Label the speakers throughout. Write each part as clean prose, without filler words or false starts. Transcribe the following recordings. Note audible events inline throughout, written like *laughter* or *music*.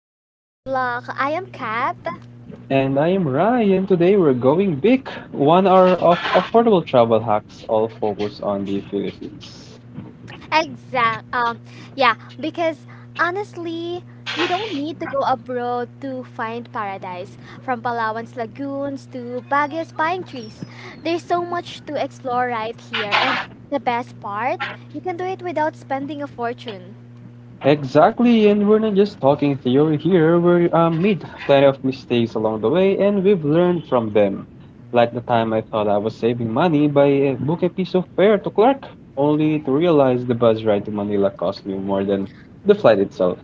Speaker 1: to Life Unlocked. I am Kat.
Speaker 2: And I am Ryan. Today we're going big. One hour of affordable travel hacks, all focused on the Philippines.
Speaker 1: Exact. Yeah, because honestly, you don't need to go abroad to find paradise. From Palawan's lagoons to Baguio's pine trees, there's so much to explore right here. And the best part, you can do it without spending a fortune.
Speaker 2: Exactly, and we're not just talking theory here. We made plenty of mistakes along the way, and we've learned from them. Like the time I thought I was saving money by book a piece of fare to Clark, only to realize the bus ride to Manila cost me more than the flight itself.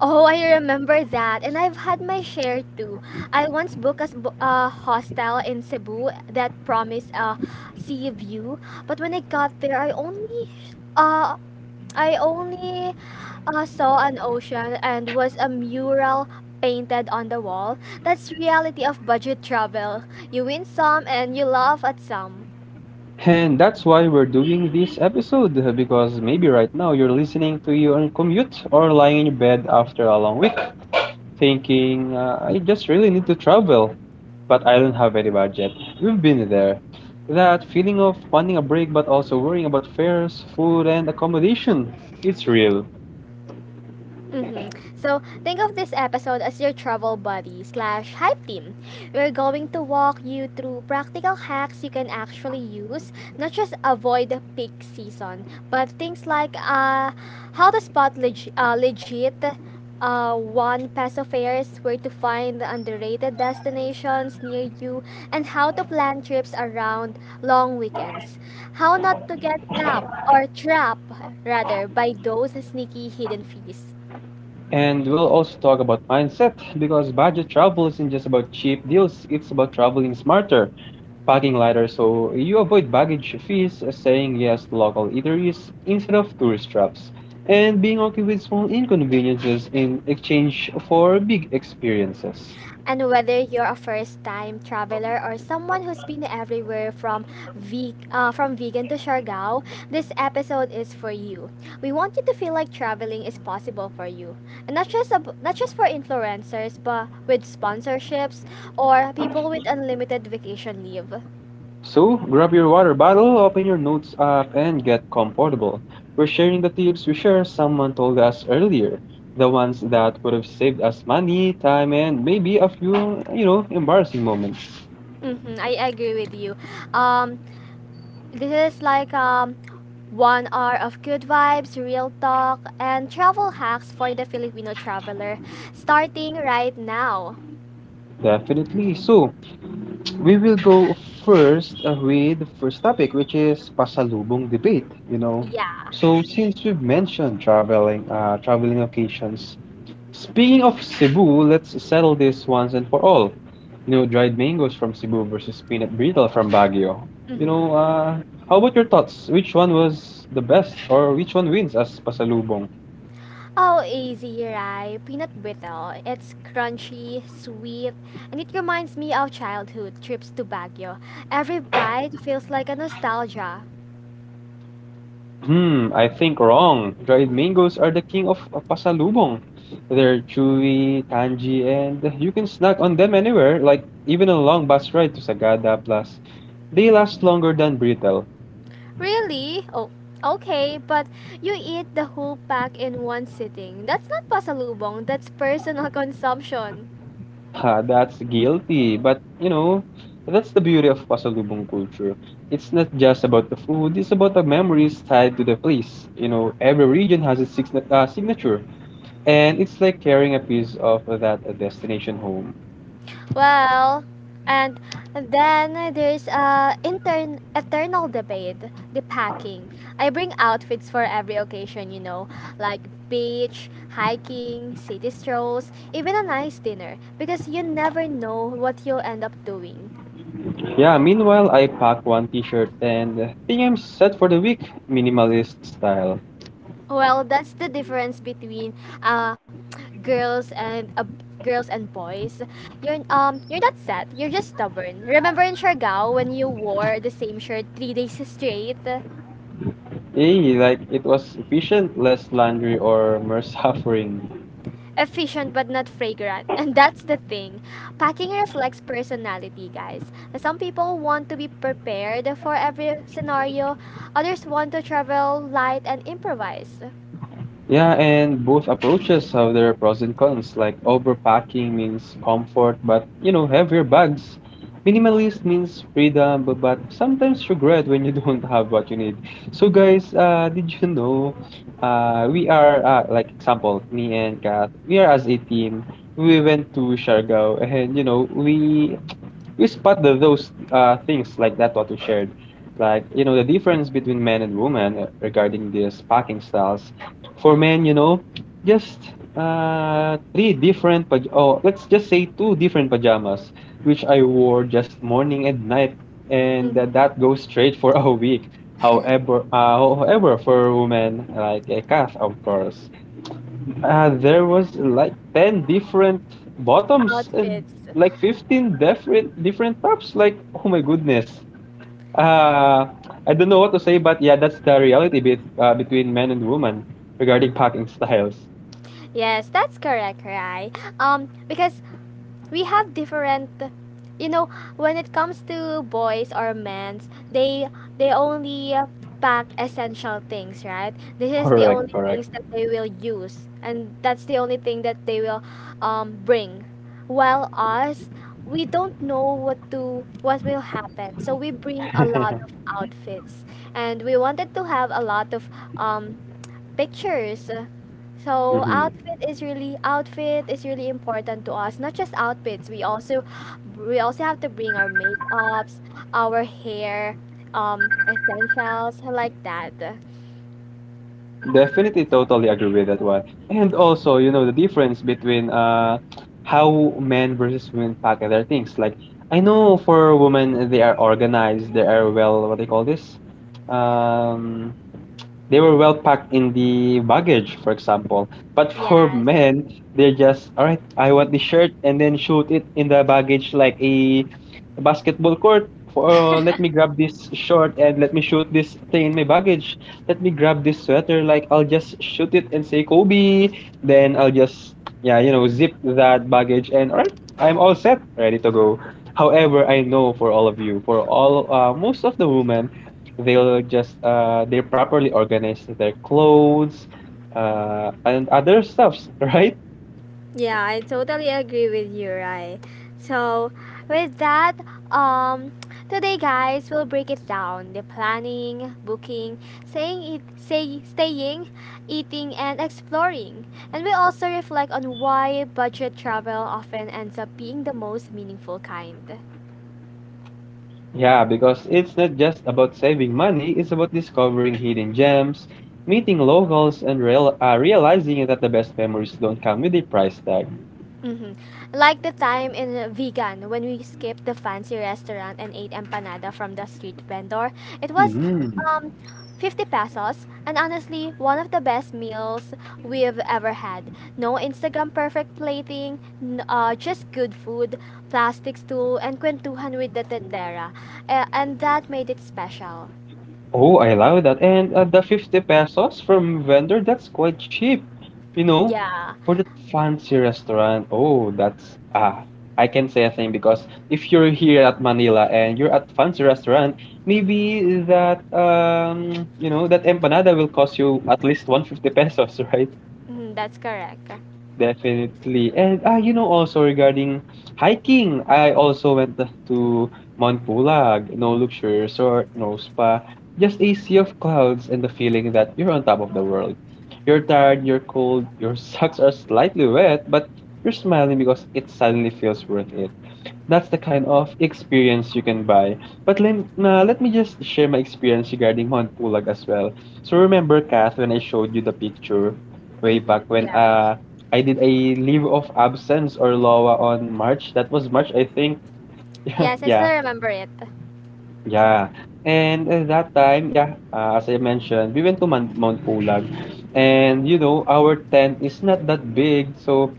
Speaker 1: Oh, I remember that. And I've had my share too. I once booked a hostel in Cebu that promised a sea view, but when I got there, uh I only saw an ocean and was a mural painted on the wall. That's reality of budget travel. You win some and you laugh at some.
Speaker 2: And that's why we're doing this episode because maybe right now you're listening to your own commute or lying in your bed after a long week thinking, I just really need to travel, but I don't have any budget. We've been there. That feeling of wanting a break but also worrying about fares, food, and accommodation, it's real.
Speaker 1: Mm-hmm. So think of this episode as your travel buddy slash hype team. We're going to walk you through practical hacks you can actually use, not just avoid the peak season, but things like how to spot legit one peso fares, where to find the underrated destinations near you, and how to plan trips around long weekends. How not to get tapped or trapped rather by those sneaky hidden fees.
Speaker 2: And we'll also talk about mindset because budget travel isn't just about cheap deals, it's about traveling smarter, packing lighter so you avoid baggage fees, saying yes to local eateries instead of tourist traps, and being okay with small inconveniences in exchange for big experiences.
Speaker 1: And whether you're a first-time traveler or someone who's been everywhere from vegan to Siargao, this episode is for you. We want you to feel like traveling is possible for you, and not just for influencers, but with sponsorships or people with unlimited vacation leave.
Speaker 2: So, grab your water bottle, open your notes app, and get comfortable. We're sharing the tips we share someone told us earlier, the ones that would have saved us money, time, and maybe a few, you know, embarrassing moments.
Speaker 1: Hmm, I agree with you. Um, This is like 1 hour of good vibes, real talk, and travel hacks for the Filipino traveler, starting right now.
Speaker 2: Definitely. So, we will go first with the first topic, which is pasalubong debate, you know.
Speaker 1: Yeah.
Speaker 2: So, since we've mentioned traveling, traveling occasions, speaking of Cebu, let's settle this once and for all. You know, dried mangoes from Cebu versus peanut brittle from Baguio. You
Speaker 1: Hmm.
Speaker 2: know, how about your thoughts? Which one was the best, or which one wins as pasalubong?
Speaker 1: Oh, easy, right? Peanut brittle. It's crunchy, sweet, and it reminds me of childhood trips to Baguio. Every bite feels like a nostalgia.
Speaker 2: Hmm, I think wrong. Dried mangoes are the king of pasalubong. They're chewy, tangy, and you can snack on them anywhere, like even a long bus ride to Sagada. Plus, they last longer than brittle.
Speaker 1: Really? Oh, okay, but you eat the whole pack in one sitting. That's not pasalubong, that's personal *laughs* consumption.
Speaker 2: Ah, that's guilty. But, you know, that's the beauty of Pasalubong culture. It's not just about the food, it's about the memories tied to the place. You know, every region has its signature, and it's like carrying a piece of that destination home.
Speaker 1: Well, and then there's intern eternal debate, the packing. I bring outfits for every occasion, you know, like beach, hiking, city strolls, even a nice dinner, because you never know what you'll end up doing.
Speaker 2: Yeah, meanwhile, I pack one t shirt and think I'm set for the week, minimalist style.
Speaker 1: Well, that's the difference between uh *tsk* girls and uh, girls and boys. You're not sad, you're just stubborn. Remember in Siargao when you wore the same shirt 3 days *laughs* straight?
Speaker 2: Hey, like it was efficient, less laundry or more *laughs* suffering.
Speaker 1: Efficient but not fragrant. *laughs* And that's the thing. Packing reflects personality, guys. Some people want to be prepared for every scenario, others want to travel light and improvise.
Speaker 2: Yeah, and both approaches have their pros and cons. Like overpacking means comfort, but you know, heavier bags. Minimalist means freedom, but, sometimes regret when you *laughs* don't have what you need. So, guys, did you know we are, like, example, me and Kat, we are as a team. We went to Siargao, and you know, we spot the, those things like that what you shared, like you know the difference between men and women regarding these packing styles. For men, you know, just three different let's just say two different pajamas, which I wore just morning and night, and
Speaker 1: Mhm.
Speaker 2: that goes straight for *laughs* a week. However, however for women, like a calf, of course, there was like 10 different bottoms and
Speaker 1: Outfits.
Speaker 2: like 15 different tops. Like, oh my goodness. Uh, I don't know what to say, but yeah, that's the reality be between men and women regarding packing *laughs* styles.
Speaker 1: Yes, that's correct, right? Because we have different, you know, when it comes to boys or men's, they only pack essential things, right? This is the
Speaker 2: Correct,
Speaker 1: only
Speaker 2: correct.
Speaker 1: things that they will use, and that's the only thing that they will bring, while us, we don't know what to what will happen, so we bring a lot of
Speaker 2: *laughs*
Speaker 1: outfits and we wanted to have a lot of um, pictures. So
Speaker 2: Mhm.
Speaker 1: outfit is really important to us. Not just outfits, we also have to bring our makeups, our hair, essentials like that.
Speaker 2: Definitely, totally agree with that one. And also, you know, the difference between how men versus women pack their things. Like, I know for women, they are organized, they are well, what do you call this? Um, they were well packed in the baggage, for example. But for *laughs*
Speaker 1: Yes.
Speaker 2: men, they're just, all right, I want the shirt, and then shoot it in the baggage like a basketball court. For, let me grab this short and let me shoot this thing in my baggage. Let me grab this sweater. Like, I'll just shoot it and say Kobe. Then I'll just yeah, you know, zip that baggage and all right, I'm all set, ready to go. However, I know for all of you, for all most of the women, they'll just they properly organize their clothes and other stuffs, *laughs* right?
Speaker 1: Yeah, I totally agree with you, right? So, with that, um, today, guys, we'll break it down: the planning, booking, staying, eating, and exploring. And we also reflect on why budget travel often ends up being the most meaningful kind.
Speaker 2: Yeah, because it's not just about saving money, it's about discovering hidden gems, meeting locals, and realizing that the best memories don't come with a price tag.
Speaker 1: Hmm. Like the time in Vegan when we skipped the fancy restaurant and ate empanada from the street vendor. It was
Speaker 2: Mhm.
Speaker 1: um 50 pesos and honestly one of the best meals we've ever had. No Instagram perfect plating, just good food, plastic stool and kwentuhan with the tendera. And that made it special.
Speaker 2: Oh, I love that. And the 50 pesos from vendor, that's quite cheap. You know,
Speaker 1: Yeah.
Speaker 2: for the fancy restaurant. Oh, that's ah, I can say a thing because if you're here at Manila and you're at fancy restaurant, maybe that you know, that empanada will cost you at least 150 pesos, *laughs* right?
Speaker 1: Mhm, that's correct.
Speaker 2: Definitely. And ah, you know, also regarding hiking, I also went to Mount Pulag, no luxury resort, no spa, just a sea of clouds and the feeling that you're on top of the world. You're tired, you're cold, your *laughs* socks are slightly wet, but you're smiling because it suddenly feels worth it. That's the kind of experience you can buy. But let me just share my experience regarding Honpulag as well. So remember, Kath, when I showed you the picture way
Speaker 1: Hmm.
Speaker 2: back when
Speaker 1: Yes.
Speaker 2: I did a leave of absence or LOA on March. That was March, I think.
Speaker 1: Yes,
Speaker 2: *laughs*
Speaker 1: I still
Speaker 2: Yeah.
Speaker 1: remember it.
Speaker 2: Yeah. And at that time, yeah, as I mentioned, we went to Mount Pulag. And you know, our tent is not that big. So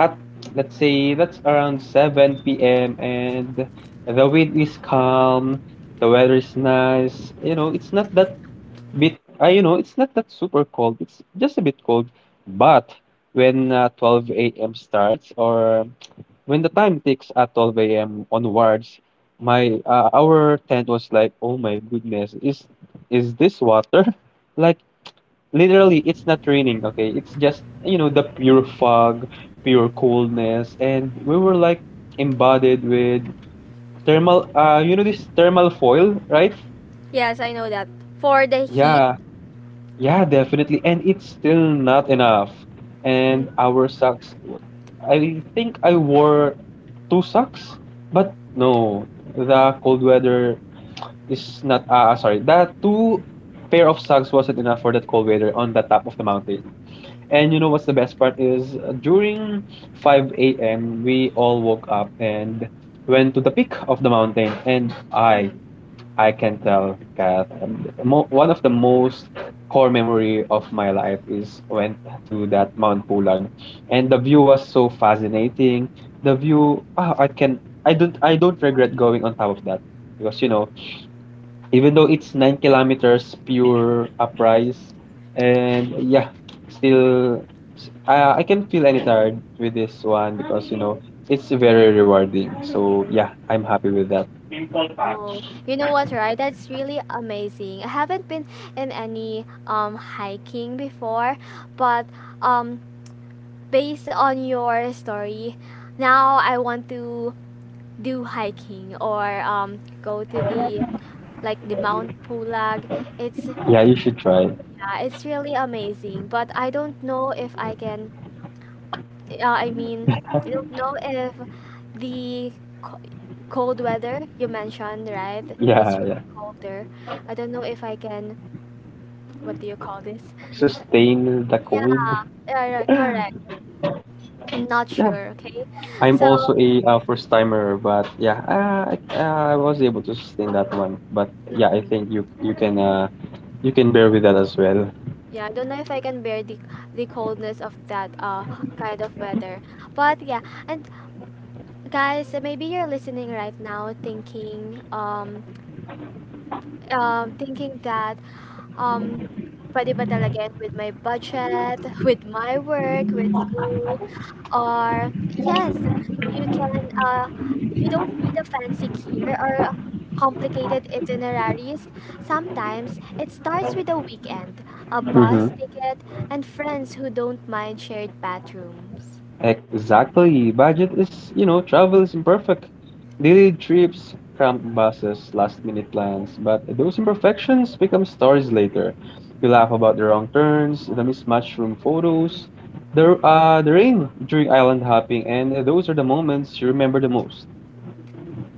Speaker 2: at let's say that's around 7 p.m. and the wind is calm, the weather is nice. You know, it's not that bit you know, it's not that super cold. It's just a bit cold. But when 12 a.m. starts, or when the time ticks at 12 a.m. onwards, my our tent was like, oh my goodness, is this water? *laughs* Like literally, it's not raining. Okay, it's just you know the pure fog, pure coolness, and we were like embodied with thermal. You know this thermal foil, right?
Speaker 1: Yes, I know that. For the heat.
Speaker 2: Yeah, yeah, definitely. And it's still not enough.
Speaker 1: Mm-hmm.
Speaker 2: And our socks, I think I wore two socks, but no, the cold weather is not, sorry, the two pair of socks wasn't enough for that cold weather on the top of the mountain. And you know what's the best part is during 5 a.m., we all woke up and went to the peak of the mountain. And I can tell, Kath. And mo one of the most core memory of my life is went to that Mount Pulag, and the view was so fascinating. The view, ah, I don't regret going on top of that because you know, even though it's 9 kilometers pure uprise, and yeah, still, I can feel any tired with this one because you know it's very rewarding. So yeah, I'm happy with that.
Speaker 1: Oh, you know what, right? That's really amazing. I haven't been in any hiking before, but um based on your story, now I want to do hiking or go to the like the Mount Pulag. It's
Speaker 2: Yeah, you should try.
Speaker 1: yeah, it's really amazing, but I don't know if I can. Yeah, I mean, I don't know if the co- cold weather you mentioned, right? It's
Speaker 2: Yeah,
Speaker 1: really
Speaker 2: yeah,
Speaker 1: cold there. I don't know if I can, what do you call this?
Speaker 2: sustain the
Speaker 1: Yeah,
Speaker 2: cold.
Speaker 1: yeah, yeah, correct. I'm not
Speaker 2: Yeah,
Speaker 1: sure, okay?
Speaker 2: I'm
Speaker 1: So,
Speaker 2: also a first timer, but yeah, I was able to sustain that one. But yeah, I think
Speaker 1: mm
Speaker 2: you can you can bear with that as well.
Speaker 1: yeah, I don't know if I can bear the coldness of that kind of weather. But yeah, and guys, maybe you're listening right now thinking that um, pwede ba talaga yan with my budget, *laughs* with my work, with school, or yes, you can. You don't need a fancy gear or complicated itineraries. Sometimes it starts with a weekend, a bus
Speaker 2: Mhm.
Speaker 1: ticket, and friends who don't mind shared bathrooms.
Speaker 2: Exactly. Budget is, you know, travel is imperfect. Delayed trips, cramped buses, last minute plans. But those imperfections become stories later. You laugh about the wrong turns, the mismatched room photos, the rain during island hopping, and those are the moments you remember the most.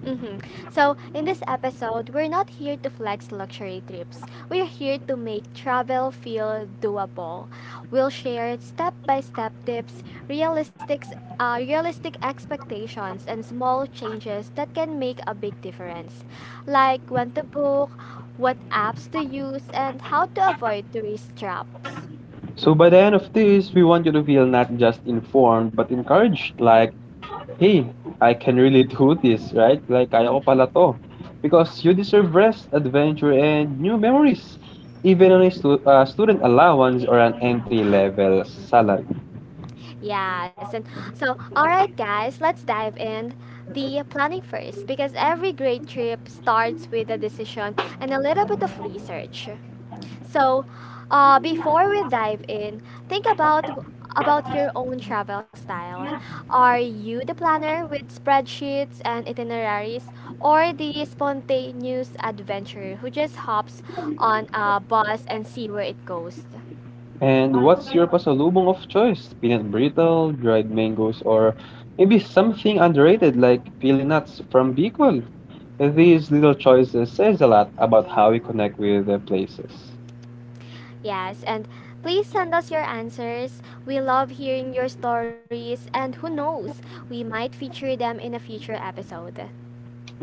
Speaker 1: Mm-hmm. So, in this episode, we're not here to flex luxury trips. We're here to make travel feel doable. We'll share step-by-step tips, realistic expectations, and small changes that can make a big difference, like when to book, what apps to use, and how to avoid tourist traps.
Speaker 2: So by the end of this, we want you to feel not just informed, but encouraged. Like, hey, I can really do this, right? Like, kaya ko pala
Speaker 1: Mhm.
Speaker 2: to. Because you deserve rest, adventure, and new memories. Even on a student allowance or an entry-level salary.
Speaker 1: Yes, and so all right, guys, let's dive in the planning first because every great trip starts with a decision and a little bit of research. So, before we dive in, think about your own travel style. Are you the planner with spreadsheets and itineraries, or the spontaneous adventurer who just hops on a bus and see where it goes?
Speaker 2: And what's your pasalubong of choice? Peanut brittle, dried mangoes, or maybe something underrated like pili nuts from Bicol. These little choices says a lot about how we connect with the places.
Speaker 1: Yes, and please send us your answers. We love hearing your stories, and who knows, we might feature them in a future episode.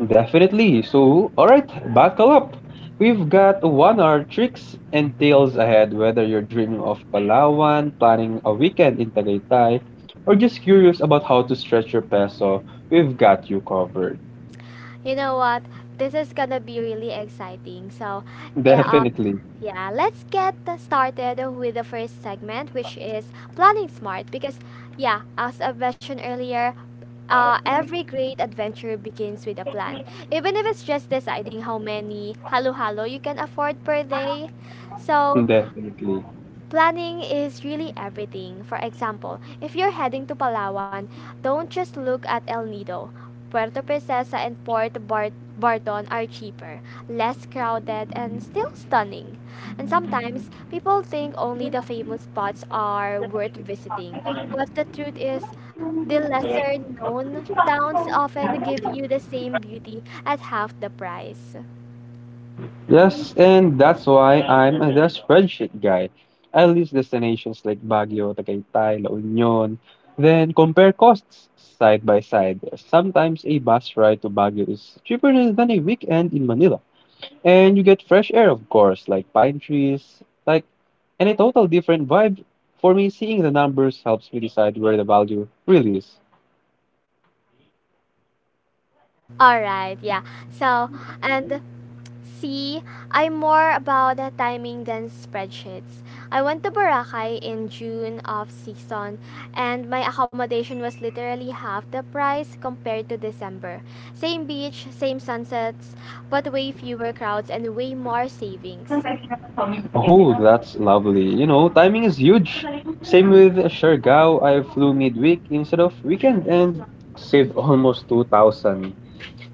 Speaker 2: Definitely. So, all right, buckle up. We've got one hour tricks and tales ahead, whether you're dreaming of Palawan, planning a weekend in Tagaytay, or just curious about how to stretch your peso, we've got you covered.
Speaker 1: You know what? This is gonna be really exciting. So, eh, um,
Speaker 2: Definitely.
Speaker 1: yeah, let's get started with the first segment, which is planning smart. Because, yeah, as I mentioned earlier, every great adventure begins with a plan. Even if it's just deciding how many halo halo you can afford per day. So,
Speaker 2: *laughs* Definitely.
Speaker 1: planning is really everything. For example, if you're heading to Palawan, don't just look at El Nido. Puerto Princesa and Barton are cheaper, less crowded, and still stunning. And sometimes, people think only the famous spots are worth visiting, but the truth is, the lesser known towns often give you the same beauty at half the price.
Speaker 2: Yes, and that's why I'm the spreadsheet guy. I list destinations like Baguio, Tagaytay, La Union, then compare costs side by side. Sometimes a bus ride to Baguio is cheaper than a weekend in Manila. And you get fresh air, of course, like pine trees, and a total different vibe. For me, seeing the numbers helps me decide where the value really is.
Speaker 1: Alright, yeah. So, and see, I'm more about the timing than spreadsheets. I went to Boracay in June of season and my accommodation was literally half the price compared to December. Same beach, same sunsets, but way fewer crowds and way more savings.
Speaker 2: Oh, that's lovely. You know, timing is huge. Same with Siargao. I flew midweek instead of weekend and saved almost 2,000.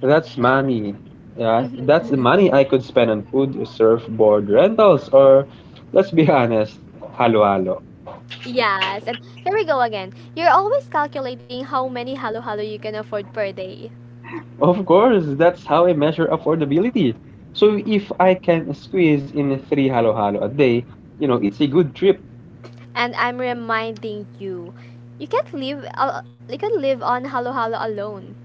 Speaker 2: That's
Speaker 1: Y-
Speaker 2: money. Yeah, that's the
Speaker 1: Mhm. *laughs*
Speaker 2: money I could spend on food, surfboard rentals, or let's be honest, halo-halo.
Speaker 1: Yes, and here we go again. You're always calculating how many halo-halo you can afford per day.
Speaker 2: Of course, that's how I measure affordability. So if I can squeeze in three halo-halo a day, you know, it's a good trip.
Speaker 1: And I'm reminding you, you can't live al- you can not live on halo-halo alone.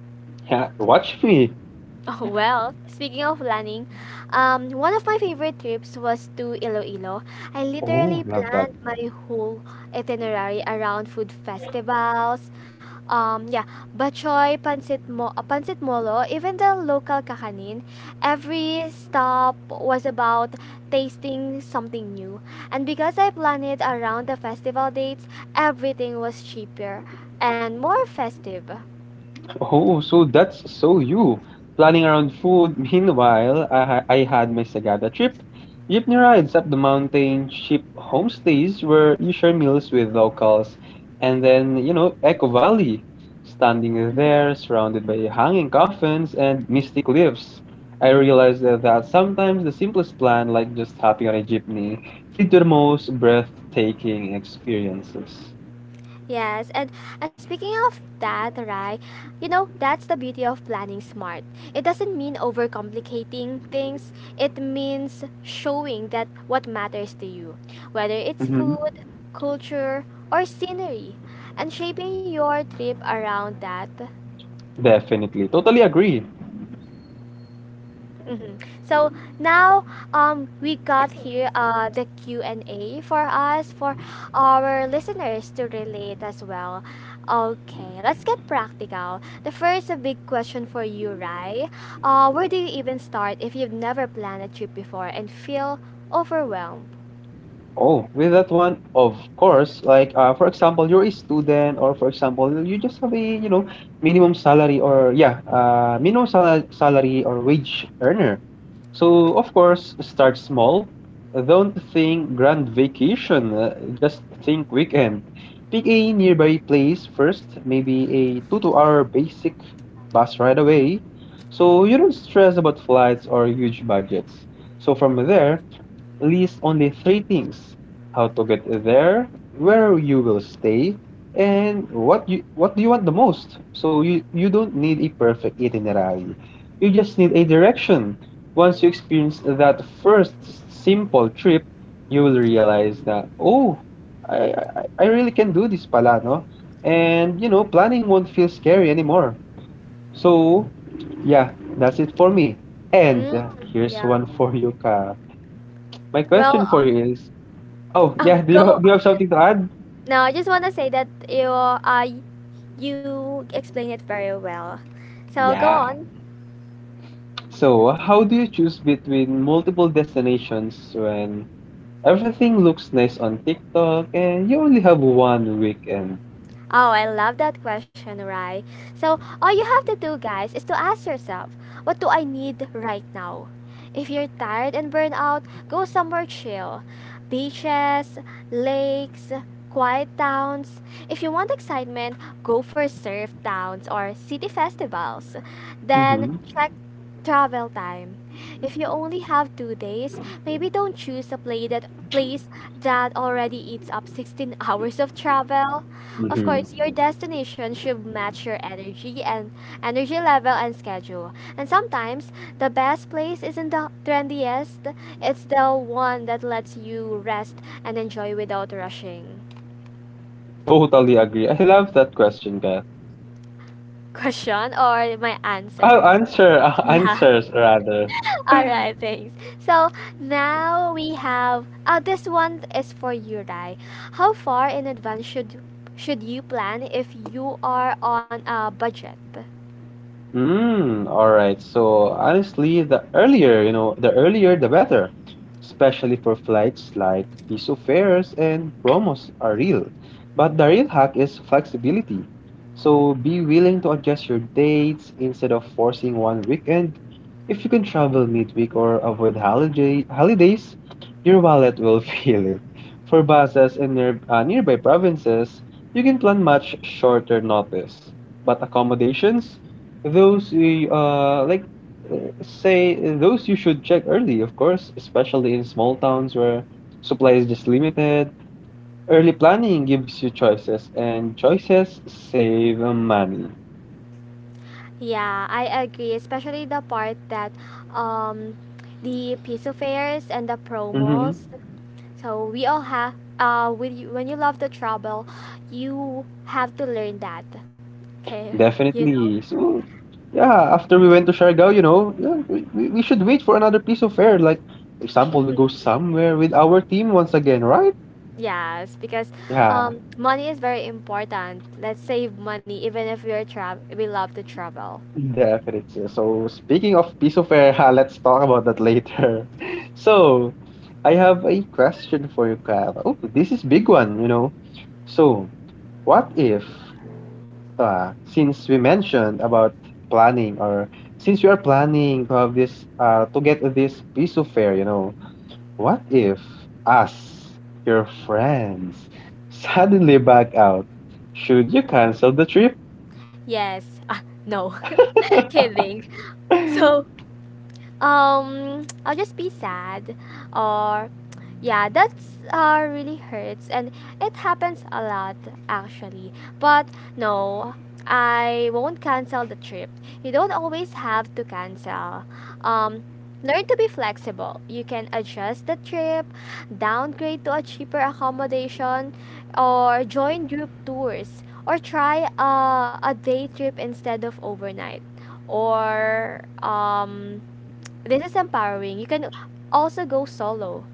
Speaker 2: Yeah, watch me.
Speaker 1: *laughs* Oh, well, speaking of planning, one of my favorite trips was to Iloilo. I
Speaker 2: Oh,
Speaker 1: literally
Speaker 2: love.
Speaker 1: planned my whole itinerary around food festivals, yeah, bachoy, pancit molo, even the local kakanin. Every stop was about tasting something new. And because I planned it around the festival dates, everything was cheaper and more festive.
Speaker 2: Oh, so that's so you. Planning around food. *laughs* Meanwhile, I had my Sagada trip. Jeepney rides up the mountain, cheap homestays where you share meals with locals, and then, you know, Echo Valley. Standing there,
Speaker 1: *laughs*
Speaker 2: surrounded by hanging coffins and mystic leaves. I realized that sometimes the simplest plan, like just hopping on a jeepney, lead to the most breathtaking experiences.
Speaker 1: Yes, and speaking of that, right, you know, that's the beauty of planning smart. It doesn't mean overcomplicating things, it means showing that what matters to you, whether it's
Speaker 2: Hmm.
Speaker 1: food, culture, or scenery, and shaping your trip around that.
Speaker 2: Definitely. Totally agree.
Speaker 1: Hmm. So now we got here the Q&A for us, for our listeners to relate as well. Okay, let's get practical. The first a big question for you, Rai. Where do you even start if you've never planned a trip before and feel overwhelmed?
Speaker 2: Oh, with that one, of course, like for example, you're a student, or for example, you just have a you know minimum salary or yeah, salary or wage earner. So of course, start small. Don't think grand vacation. Just think weekend. Pick a nearby place first, maybe a two to hour basic bus ride away, so you don't stress about flights or huge budgets. So from there, list only three things: how to get there, where you will stay, and what do you want the most. So you don't need a perfect itinerary. You just need a direction. Once you experience that first simple trip, you will realize that oh, I really can do this pala, no? And you know, planning won't feel scary anymore. So yeah, that's it for me. And
Speaker 1: Mm,
Speaker 2: here's
Speaker 1: yeah.
Speaker 2: one for you, Ka. My question for
Speaker 1: Well,
Speaker 2: you is, oh yeah, *laughs*
Speaker 1: *laughs*
Speaker 2: do you
Speaker 1: go.
Speaker 2: do you have something to add?
Speaker 1: No, I just want to say that you explain it very well. So go
Speaker 2: Yeah.
Speaker 1: on.
Speaker 2: So, how do you choose between multiple destinations when everything looks nice on TikTok and you only have one weekend?
Speaker 1: Oh, I love that question, Rai. So, all you have to do, guys, is to ask yourself, what do I need right now? If you're tired and burned out, go somewhere chill. Beaches, lakes, quiet towns. If you want excitement, go for surf towns or city festivals. Then
Speaker 2: Mm-hmm.
Speaker 1: check travel time. If you only have 2 days, maybe don't choose a play that place that already eats up 16 *laughs* hours of travel. Of
Speaker 2: Mm-hmm.
Speaker 1: course, your destination should match your energy level and schedule. And sometimes the best place isn't the trendiest, it's the one that lets you rest and enjoy without rushing.
Speaker 2: Totally agree. I love that question, Kath.
Speaker 1: *laughs* Question or my
Speaker 2: I'll
Speaker 1: answer?
Speaker 2: answer, *laughs*
Speaker 1: Yeah.
Speaker 2: answers rather.
Speaker 1: *laughs* All right, thanks. So now we have this one is for you, Rai. How far in advance should you plan if you are on a budget?
Speaker 2: Mm, all right. So honestly, the earlier, you know, the earlier the better, especially for flights like piso fares and promos are real. But the real hack is flexibility. So be willing to adjust your dates instead of forcing one weekend. If you can travel midweek or avoid holidays, your wallet will *laughs* feel it. For buses and nearby provinces, you can plan much shorter notice. But accommodations? Those you say those you should check early, of course, especially in small towns where supply is just limited. Early planning gives you choices, and choices save money.
Speaker 1: Yeah, I agree, especially the part that um the piso fairs and the
Speaker 2: Mm-hmm.
Speaker 1: promos. So we all have with you, when you love the travel, you have to learn that. Okay, *laughs* you know.
Speaker 2: Definitely. So yeah, after we went to Siargao, you know, yeah, we should wait for another piece of air. Like, for example, we go
Speaker 1: Mhm.
Speaker 2: somewhere with our team once again, right?
Speaker 1: Yes, because
Speaker 2: Yeah.
Speaker 1: money is very important. Let's save money even if we love to travel.
Speaker 2: Definitely. So, speaking of piece of air, *laughs* ha, let's talk about that later. *laughs* So, I have a question for you, Kyle. Oh, this is big one, you know. So, what if, since we mentioned about planning, or since you are planning to have this, to get this piece of air, you know, what if us, your friends, *laughs* suddenly back out? Should you cancel the trip?
Speaker 1: Yes. Ah, no. *laughs*
Speaker 2: *laughs*
Speaker 1: Kidding. So I'll just be sad, or yeah, that's really hurts, and it happens a lot, actually. But no, I won't cancel the trip. You don't always have to cancel. um Learn to be flexible. You can adjust the trip, downgrade to a cheaper accommodation, or join group tours, or try a day trip instead of overnight. Or this is empowering. You can also go solo,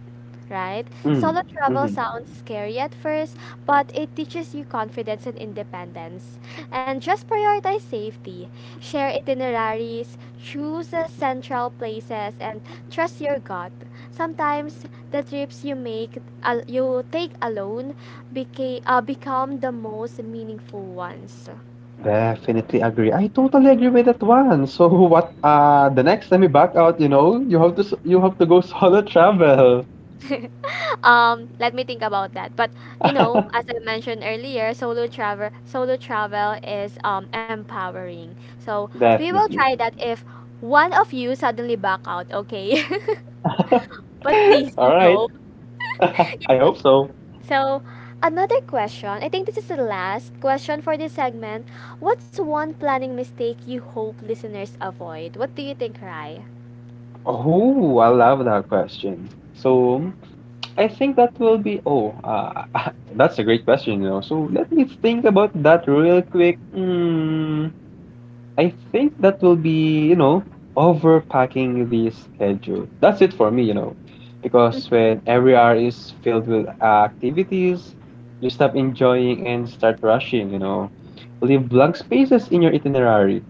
Speaker 1: right?
Speaker 2: Mm,
Speaker 1: Solo travel
Speaker 2: mhm.
Speaker 1: sounds scary at first, but it teaches you confidence and independence. And just prioritize safety. Share itineraries, choose central places, and trust your gut. Sometimes the trips you make, al you take alone, become the most meaningful ones.
Speaker 2: Definitely agree. I totally agree with that one. So *laughs* what the next time you back out, you know, you have to go solo travel.
Speaker 1: *laughs* Let me think about that. But you know, as
Speaker 2: *laughs*
Speaker 1: I mentioned earlier, solo travel is empowering. So we will
Speaker 2: Definitely.
Speaker 1: try that if one of you suddenly back out, okay? *laughs* But please
Speaker 2: *laughs* All right.
Speaker 1: no.
Speaker 2: *laughs* I hope so.
Speaker 1: So another question. I think this is the last question for this segment. What's one planning mistake you hope listeners avoid? What do you think, Rai?
Speaker 2: Oh, I love that question. So I think that will be oh, *laughs* that's a great question, you know. So let me think about that real quick. Hmm. I think that will be, you know, overpacking the schedule. That's it for me, you know, because
Speaker 1: Mhm.
Speaker 2: when every hour is filled with activities, you stop enjoying and start rushing, you know. Leave blank spaces in your itinerary.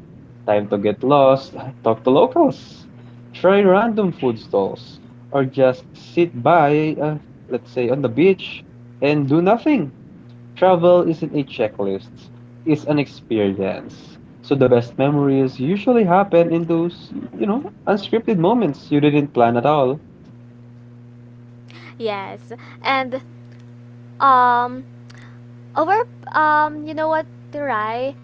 Speaker 2: Time to get lost, talk to locals, try random food stalls, or just sit let's say, on the beach and do nothing. Travel isn't a checklist, it's an experience. So the best memories usually happen in those, you know, unscripted moments you didn't plan at all.
Speaker 1: Yes. And um over you know what, Rai?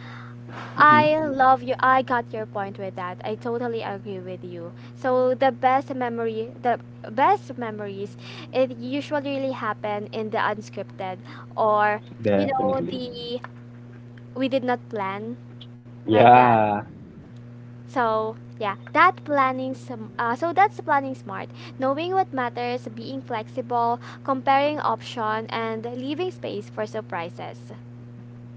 Speaker 2: Hmm.
Speaker 1: I love you. I got your point with that. I totally agree with you. So the best memory, the best memories, it usually really happen in the unscripted, or
Speaker 2: Definitely.
Speaker 1: the we did not plan like that.
Speaker 2: Yeah.
Speaker 1: So yeah, that planning some so that's planning smart. Knowing what matters, being flexible, comparing option, and leaving space for surprises.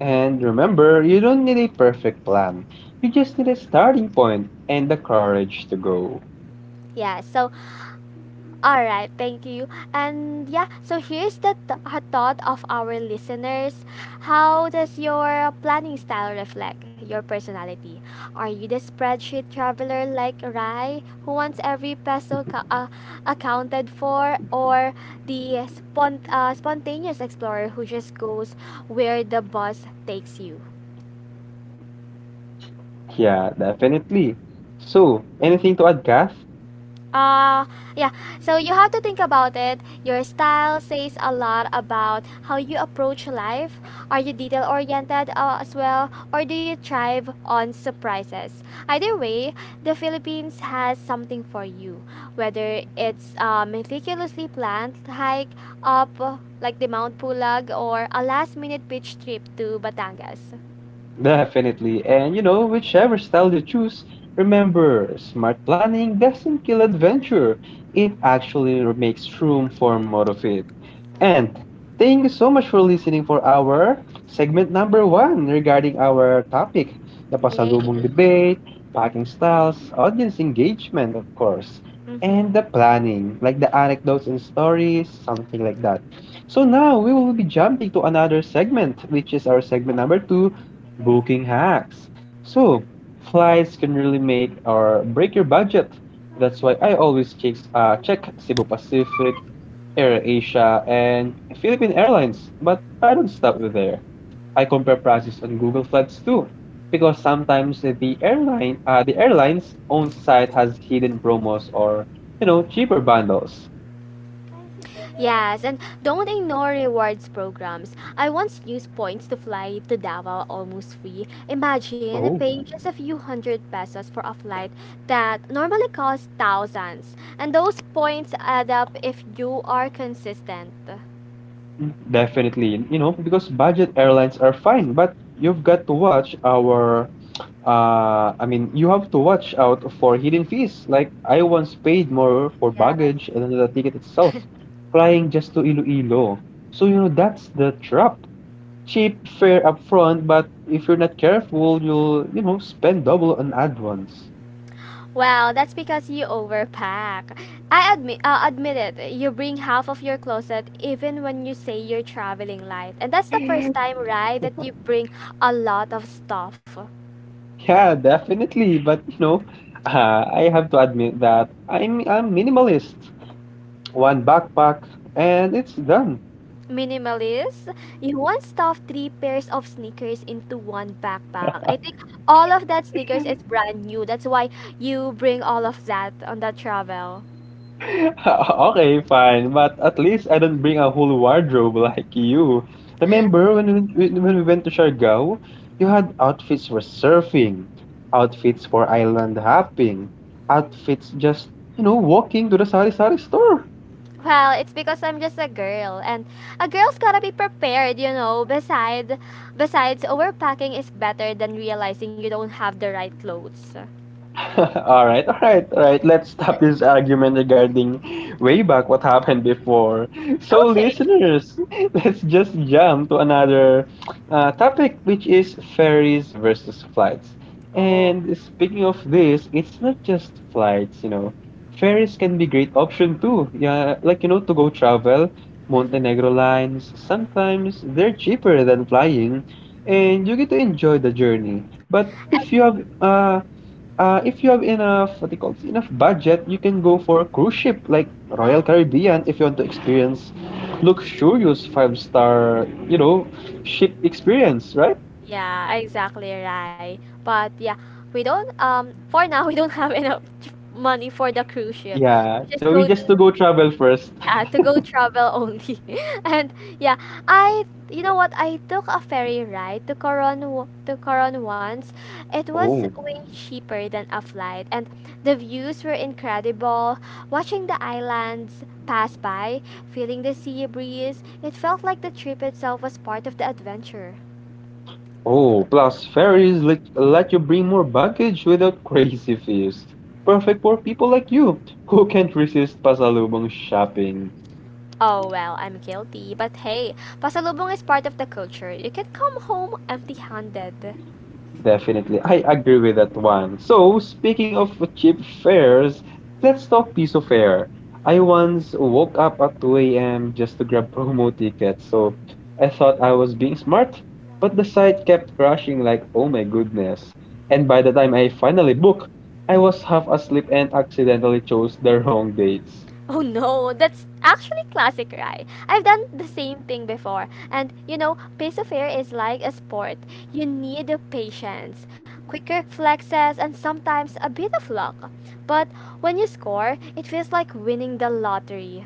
Speaker 2: And remember, you don't need a perfect plan. You just need a starting point and the courage to go.
Speaker 1: Yeah, so, all right, thank you. And yeah, so here's a thought of our listeners. How does your planning style reflect your personality? Are you the spreadsheet traveler like Rai, who wants every peso accounted for, or the spontaneous explorer who just goes where the bus takes you?
Speaker 2: Yeah, definitely. So, anything to add, Kath?
Speaker 1: Uh, yeah. So you have to think about it. Your style says a lot about how you approach life. Are you detail oriented as well, or do you thrive on surprises? Either way, the Philippines has something for you. Whether it's a meticulously planned hike up like the Mount Pulag, or a last minute beach trip to Batangas.
Speaker 2: Definitely. And you know, whichever style you choose, remember, smart planning doesn't kill adventure. It actually makes room for more of it. And thank you so much for listening for our segment number one regarding our topic, the
Speaker 1: Yay!
Speaker 2: pasalubong debate, packing styles, audience engagement, of course,
Speaker 1: Mm-hmm.
Speaker 2: and the planning, like the anecdotes and stories, something like that. So now we will be jumping to another segment, which is our segment number two, booking hacks. So flights can really make or break your budget. That's why I always check Cebu Pacific, Air Asia, and Philippine Airlines. But I don't stop with there. I compare prices on Google Flights too, because sometimes the airline's own site has hidden promos or you know cheaper bundles.
Speaker 1: Yes, and don't ignore rewards programs. I once used points to fly to Davao almost free. Imagine
Speaker 2: Oh.
Speaker 1: paying just a few hundred pesos for a flight that normally costs thousands. And those points add up if you are consistent.
Speaker 2: Definitely, you know, because budget airlines are fine, but you've got to watch our I mean, you have to watch out for hidden fees. Like I once paid more for
Speaker 1: Yes.
Speaker 2: baggage than the ticket itself, flying just to Iloilo. So, you know, that's the trap. Cheap fare upfront, but if you're not careful, you'll, you know, spend double on add-ons.
Speaker 1: Well, that's because you overpack. Admit it. You bring half of your closet even when you say you're traveling light, and that's the first time, right, that you bring a lot of stuff.
Speaker 2: Yeah, definitely, but you know, *laughs* I have to admit that I'm minimalist. One backpack, and it's done.
Speaker 1: Minimalist. You once stuffed three pairs of sneakers into one backpack. I think all of that sneakers is brand new. That's why you bring all of that on that travel.
Speaker 2: *laughs* Okay, fine, but at least I don't bring a whole wardrobe like you.
Speaker 1: *laughs*
Speaker 2: Remember when we went to Siargao, you had outfits for surfing, outfits for island hopping, outfits just, you know, walking to the sari-sari store.
Speaker 1: Well, it's because I'm just a girl, and a girl's gotta be prepared. Besides, overpacking is better than realizing you don't have the right clothes. *laughs*
Speaker 2: *laughs* All right. Let's stop this argument regarding way back what happened before. So,
Speaker 1: Okay.
Speaker 2: listeners, *laughs* let's just jump to another topic, which is ferries versus flights.
Speaker 1: Oh.
Speaker 2: And speaking of this, it's not just flights, you know. Ferries can be great option too. Yeah, like you know, to go travel,
Speaker 1: Mm-hmm.
Speaker 2: Montenegro lines. Sometimes they're cheaper than flying, and you get to enjoy the journey. But if you have enough, what do you call this, enough budget, you can go for a cruise ship like Royal Caribbean if you want to experience luxurious five star, you know, ship experience, right?
Speaker 1: Yeah, exactly right. But yeah, we don't for now, *laughs* we don't have enough money for the cruise ship.
Speaker 2: Yeah.
Speaker 1: We just
Speaker 2: So we
Speaker 1: go
Speaker 2: just to
Speaker 1: to,
Speaker 2: go travel first.
Speaker 1: yeah, to go
Speaker 2: *laughs*
Speaker 1: travel only, *laughs* and yeah, I you know what, I took a ferry ride to to Coron once. It was
Speaker 2: Oh,
Speaker 1: way cheaper than a flight, and the views were incredible. Watching the islands pass by, feeling the sea breeze, it felt like the trip itself was part of the adventure.
Speaker 2: oh, plus let you bring more baggage without crazy fees. Perfect for people like you who can't resist pasalubong shopping.
Speaker 1: Oh, well, I'm guilty. But hey, pasalubong is part of the culture. You can come home empty handed.
Speaker 2: Definitely. I agree with that one. So, speaking of cheap fares, let's talk piso fare. I once woke up at 2 a.m. just to grab *laughs* promo tickets, so I thought I was being smart, but the site kept crashing like, oh my goodness. And by the time I finally booked, I was half asleep and accidentally chose the wrong dates.
Speaker 1: Oh no, that's actually classic, right? I've done the same thing before. And pace of air is like a sport. You need the patience, quick reflexes, and sometimes a bit of luck. But when you score, it feels like winning the lottery.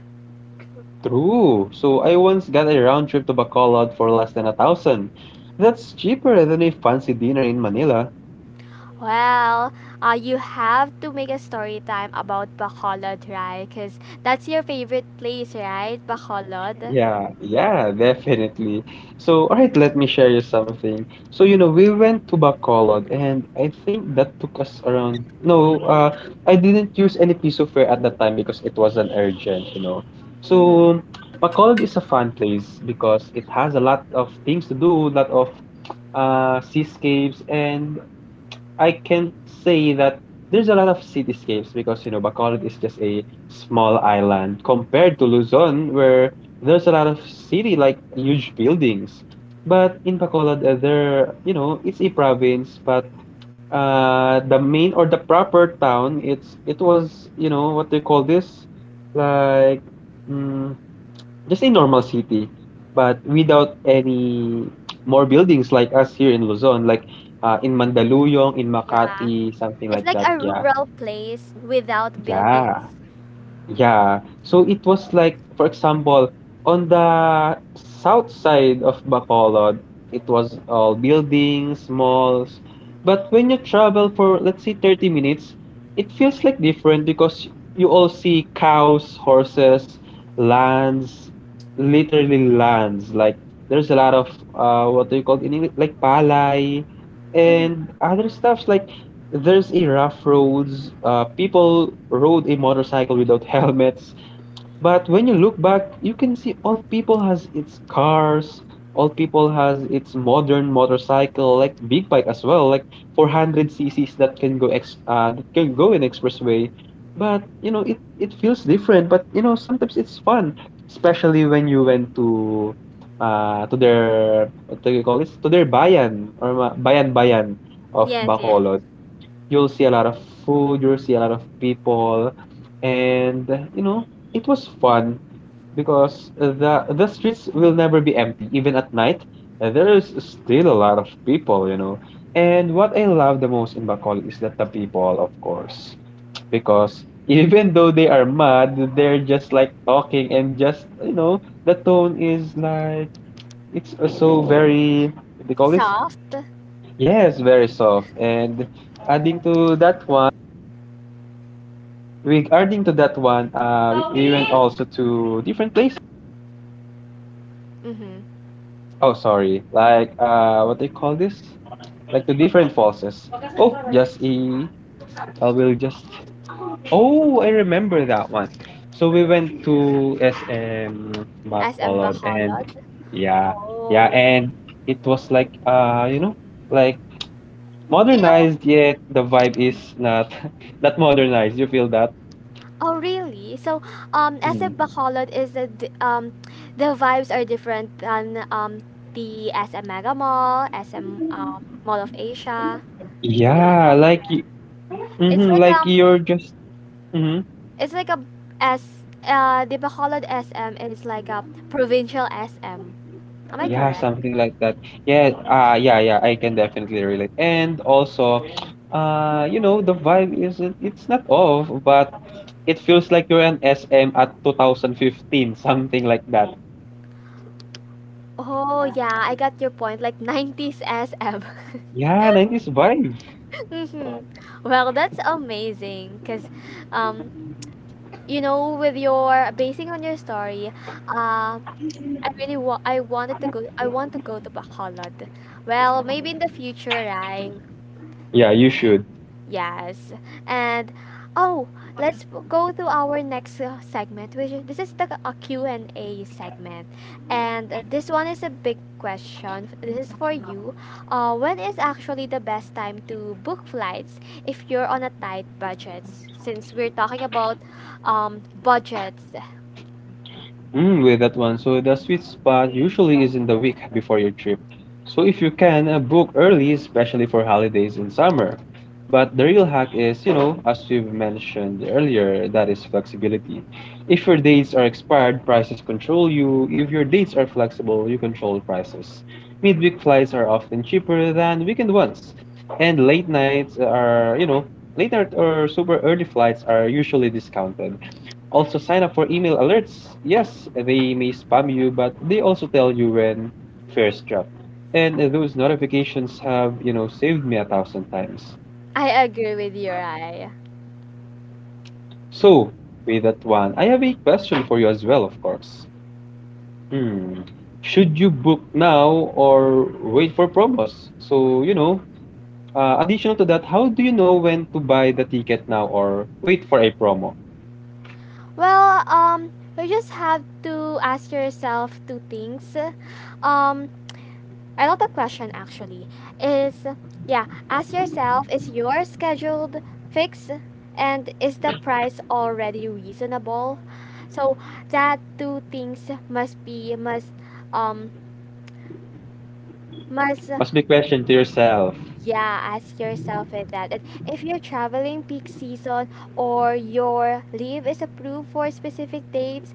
Speaker 2: True. So I once got a round trip to Bacolod for less than a thousand. That's cheaper than a fancy dinner in Manila.
Speaker 1: Well, you have to make a story time about Bacolod, right? Because that's your favorite place, right? Bacolod.
Speaker 2: Yeah, yeah, definitely. So, all right, let me share you something. So, you know, we went to Bacolod, and I think that took us around. No, I didn't use any Pisoflare at that time because it wasn't urgent, you know.
Speaker 1: Mm-hmm.
Speaker 2: So, Bacolod is a fun place because it has a lot of things to do, lot of seascapes, and I can say that there's a lot of cityscapes because you know Bacolod is just a small island compared to Luzon, where there's a lot of city like huge buildings. But in Bacolod, there you know it's a province, but the main or the proper town it's it was you know what they call this like mm, just a normal city, but without any more buildings like us here in Luzon, like in Mandaluyong, in
Speaker 1: Yeah.
Speaker 2: Makati, something
Speaker 1: It's
Speaker 2: like
Speaker 1: like
Speaker 2: that.
Speaker 1: a
Speaker 2: Yeah,
Speaker 1: rural place without
Speaker 2: yeah,
Speaker 1: buildings.
Speaker 2: yeah. So it was like, for example, on the south side of Bacolod, it was all buildings, malls. But when you travel for, let's say, 30 minutes, it feels like different because you all see cows, horses, lands literally lands. Like there's a lot of what do you call it in English? Like palay and
Speaker 1: Mm-hmm.
Speaker 2: other stuffs. Like there's a rough roads. People rode a motorcycle without *laughs* helmets. But when you look back, you can see all people has its cars, all people has its modern motorcycle, like big bike as well, like 400 cc's that can go ex that can go in expressway. But you know, it feels different. But you know, sometimes it's fun, especially when you went to their what do you call this? To their bayan or ma- bayan bayan of
Speaker 1: Yes, yes.
Speaker 2: Bacolod. You'll see a lot of food, you'll see a lot of people, and you know, it was fun because the streets will never be empty, even at night. There is still a lot of people, you know. And what I love the most in Bacolod is that the people, of course, because *laughs* even though they are mad, they're just like talking and just the tone is like it's so very they call this.
Speaker 1: Soft.
Speaker 2: Yes, very soft. And adding to that one, we adding to that one, we went also to different places.
Speaker 1: Mm-hmm.
Speaker 2: Oh, sorry, like what they call this? Like to different falls. Oh, just a. I will just. Oh, I remember that one. So we went to SM
Speaker 1: As in
Speaker 2: Bacolod, and
Speaker 1: Bacolod.
Speaker 2: yeah, yeah,
Speaker 1: Oh.
Speaker 2: and it was like like
Speaker 1: You know,
Speaker 2: modernized yet the vibe is not *laughs* not modernized. You feel that?
Speaker 1: oh really? So, as
Speaker 2: Mm-hmm.
Speaker 1: in Bacolod is the vibes are different than the SM Mega Mall, SM Mall of Asia. If you
Speaker 2: Yeah, like
Speaker 1: compare, it's
Speaker 2: mm-hmm,
Speaker 1: like
Speaker 2: like
Speaker 1: um,
Speaker 2: you're just mm-hmm.
Speaker 1: it's like a S. They call SM, and it's like a provincial SM. Am I
Speaker 2: Yeah,
Speaker 1: correct?
Speaker 2: something like that. Yeah, yeah, yeah, I can definitely relate. And also, the vibe isn't, it's not off, but it feels like you're an SM at 2015, something like that.
Speaker 1: Oh yeah, I got your point. Like 90s SM.
Speaker 2: Yeah, '90s vibe.
Speaker 1: Mm-hmm. *laughs* Well, that's amazing because, um, with your basing on your story, uh, I wanted to go. I want to go to Bacolod. Well, maybe in the future, right?
Speaker 2: Yeah, you should.
Speaker 1: Yes. And oh, let's go to our next segment, this is the Q and a Q&A segment. And this one is a big question. This is for you. When is actually the best time to book flights if you're on a tight budget? Since we're talking about budgets,
Speaker 2: With that one. So the sweet spot usually is in the week before your trip. So if you can, book early, especially for holidays in summer. But the real hack is, as we've mentioned earlier, that is flexibility. If your dates are expired, prices control you. If your dates are flexible, you control prices. Midweek flights are often cheaper than weekend ones. And late nights are, late night or super early flights are usually discounted. Also, sign up for email alerts. Yes, they may spam you, but they also tell you when fares drop. And those notifications have, saved me a thousand times.
Speaker 1: I agree with you, Rai.
Speaker 2: So, with that one, I have a question for you as well, of course. Hmm. Should you book now or wait for promos? So, additional to that, how do you know when to buy the ticket now or wait for a promo?
Speaker 1: Well, you just have to ask yourself two things. Um, Another question actually is, yeah, ask yourself, is your scheduled fixed, and is the price already reasonable? So that two things must be must um must,
Speaker 2: Must be question to yourself.
Speaker 1: yeah, ask yourself if that. And if you're traveling peak season or your leave is approved for specific dates,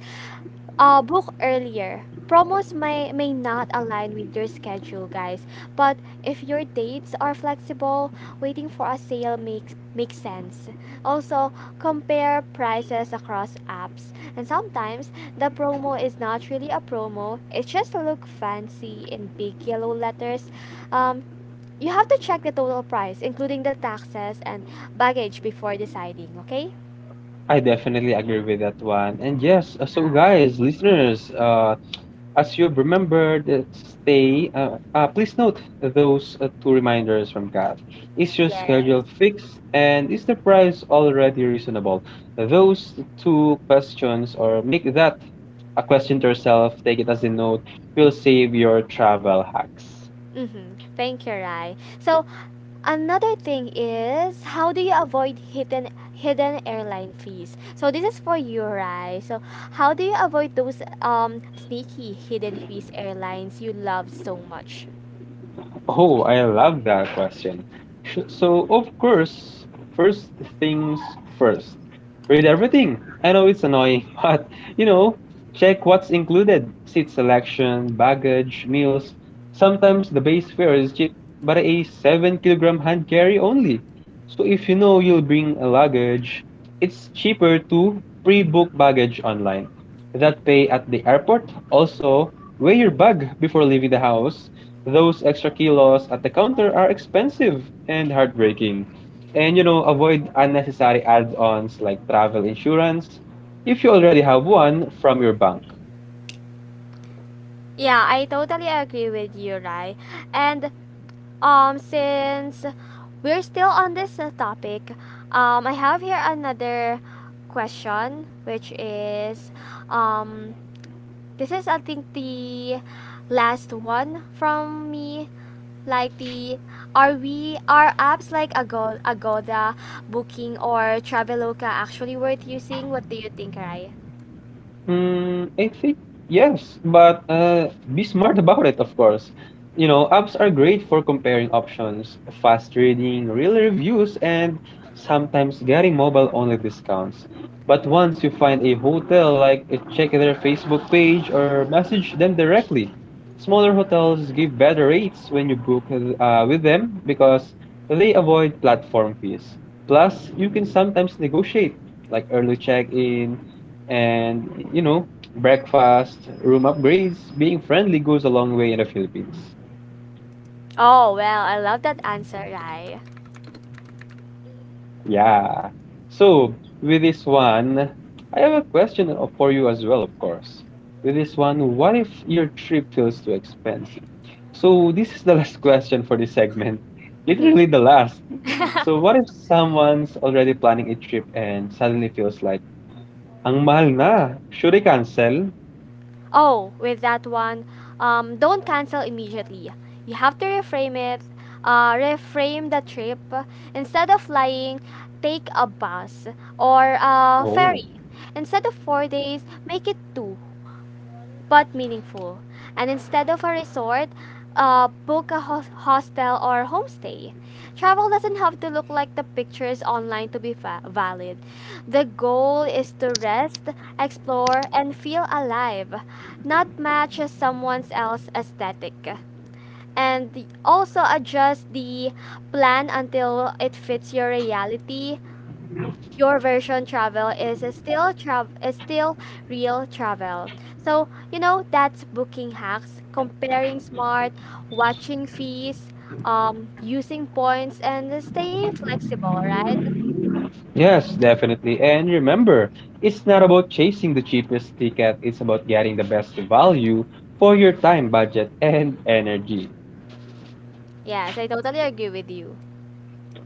Speaker 1: book earlier. Promos may not align with your schedule, guys. But if your dates are flexible, waiting for a sale makes sense. Also, compare prices across apps. And sometimes the promo is not really a promo. It just look fancy in big yellow letters. Um, you have to check the total price, including the taxes and baggage, before deciding. Okay?
Speaker 2: I definitely agree with that one. And yes, so guys, listeners, as you remember, the stay. Please note those two reminders from Kath. Is your
Speaker 1: Yes.
Speaker 2: schedule fixed, and is the price already reasonable? Those two questions, or make that a question to yourself. Take it as a note. Will save your travel hacks.
Speaker 1: Mm-hmm. Thank you, Rai. So another thing is, how do you avoid hidden airline fees? So this is for you, right? So how do you avoid those sneaky hidden fees airlines you love so much?
Speaker 2: Oh, I love that question. So, of course, first things first. Read everything. I know it's annoying, *laughs* but you know, check what's included: seat selection, baggage, meals. Sometimes the base fare is cheap, but a 7 kg kilogram hand carry only. So, if you know you'll bring a luggage, it's cheaper to pre book baggage online. That pay at the airport. Also, weigh your bag before leaving the house. Those extra kilos at the counter are expensive and heartbreaking. And you know, avoid unnecessary add ons like travel insurance if you already have one from your bank.
Speaker 1: Yeah, I totally agree with you, right? And since we're still on this topic, I have here another question, which is, um this is, I think, the last one from me, like, the are we are apps like Agoda, Booking, or Traveloka actually worth using? What do you think, Rai?
Speaker 2: I think yes, but be smart about it, of course. You know, apps are great for comparing options, fast trading, real reviews, and sometimes getting mobile-only discounts. But once you find a hotel, like check their Facebook page or message them directly. Smaller hotels give better rates when you book with them because they avoid platform fees. Plus, you can sometimes negotiate like early check-in and you know breakfast, room upgrades. Being friendly goes a long way in the Philippines.
Speaker 1: Oh, well, I love that answer, Rai.
Speaker 2: Yeah. So, with this one, I have a question for you as well, of course. With this one, what if your trip feels too expensive? So, this is the *laughs* last question for this segment. *laughs*
Speaker 1: Mhm.
Speaker 2: Literally the last. *laughs*
Speaker 1: *laughs*
Speaker 2: So, what if someone's already planning a trip and suddenly feels like, ang mahal na, should I cancel?
Speaker 1: Oh, with that one, don't cancel immediately. You have to reframe it. Reframe the trip. Instead of flying, take a bus or a
Speaker 2: Oh.
Speaker 1: ferry. Instead of 4 days, make it two. But meaningful. And instead of a resort, book a hostel or homestay. Travel doesn't have to look like the pictures online to be valid. The goal is to rest, explore, and feel alive, not match someone else's aesthetic. And also adjust the plan until it fits your reality, your version. Travel is still real travel. So, that's booking hacks, comparing smart, watching fees, using points, and staying flexible, right?
Speaker 2: Yes, definitely. And remember, it's not about chasing the cheapest ticket, it's about getting the best value for your time, budget, and energy.
Speaker 1: Yes, I totally agree with you.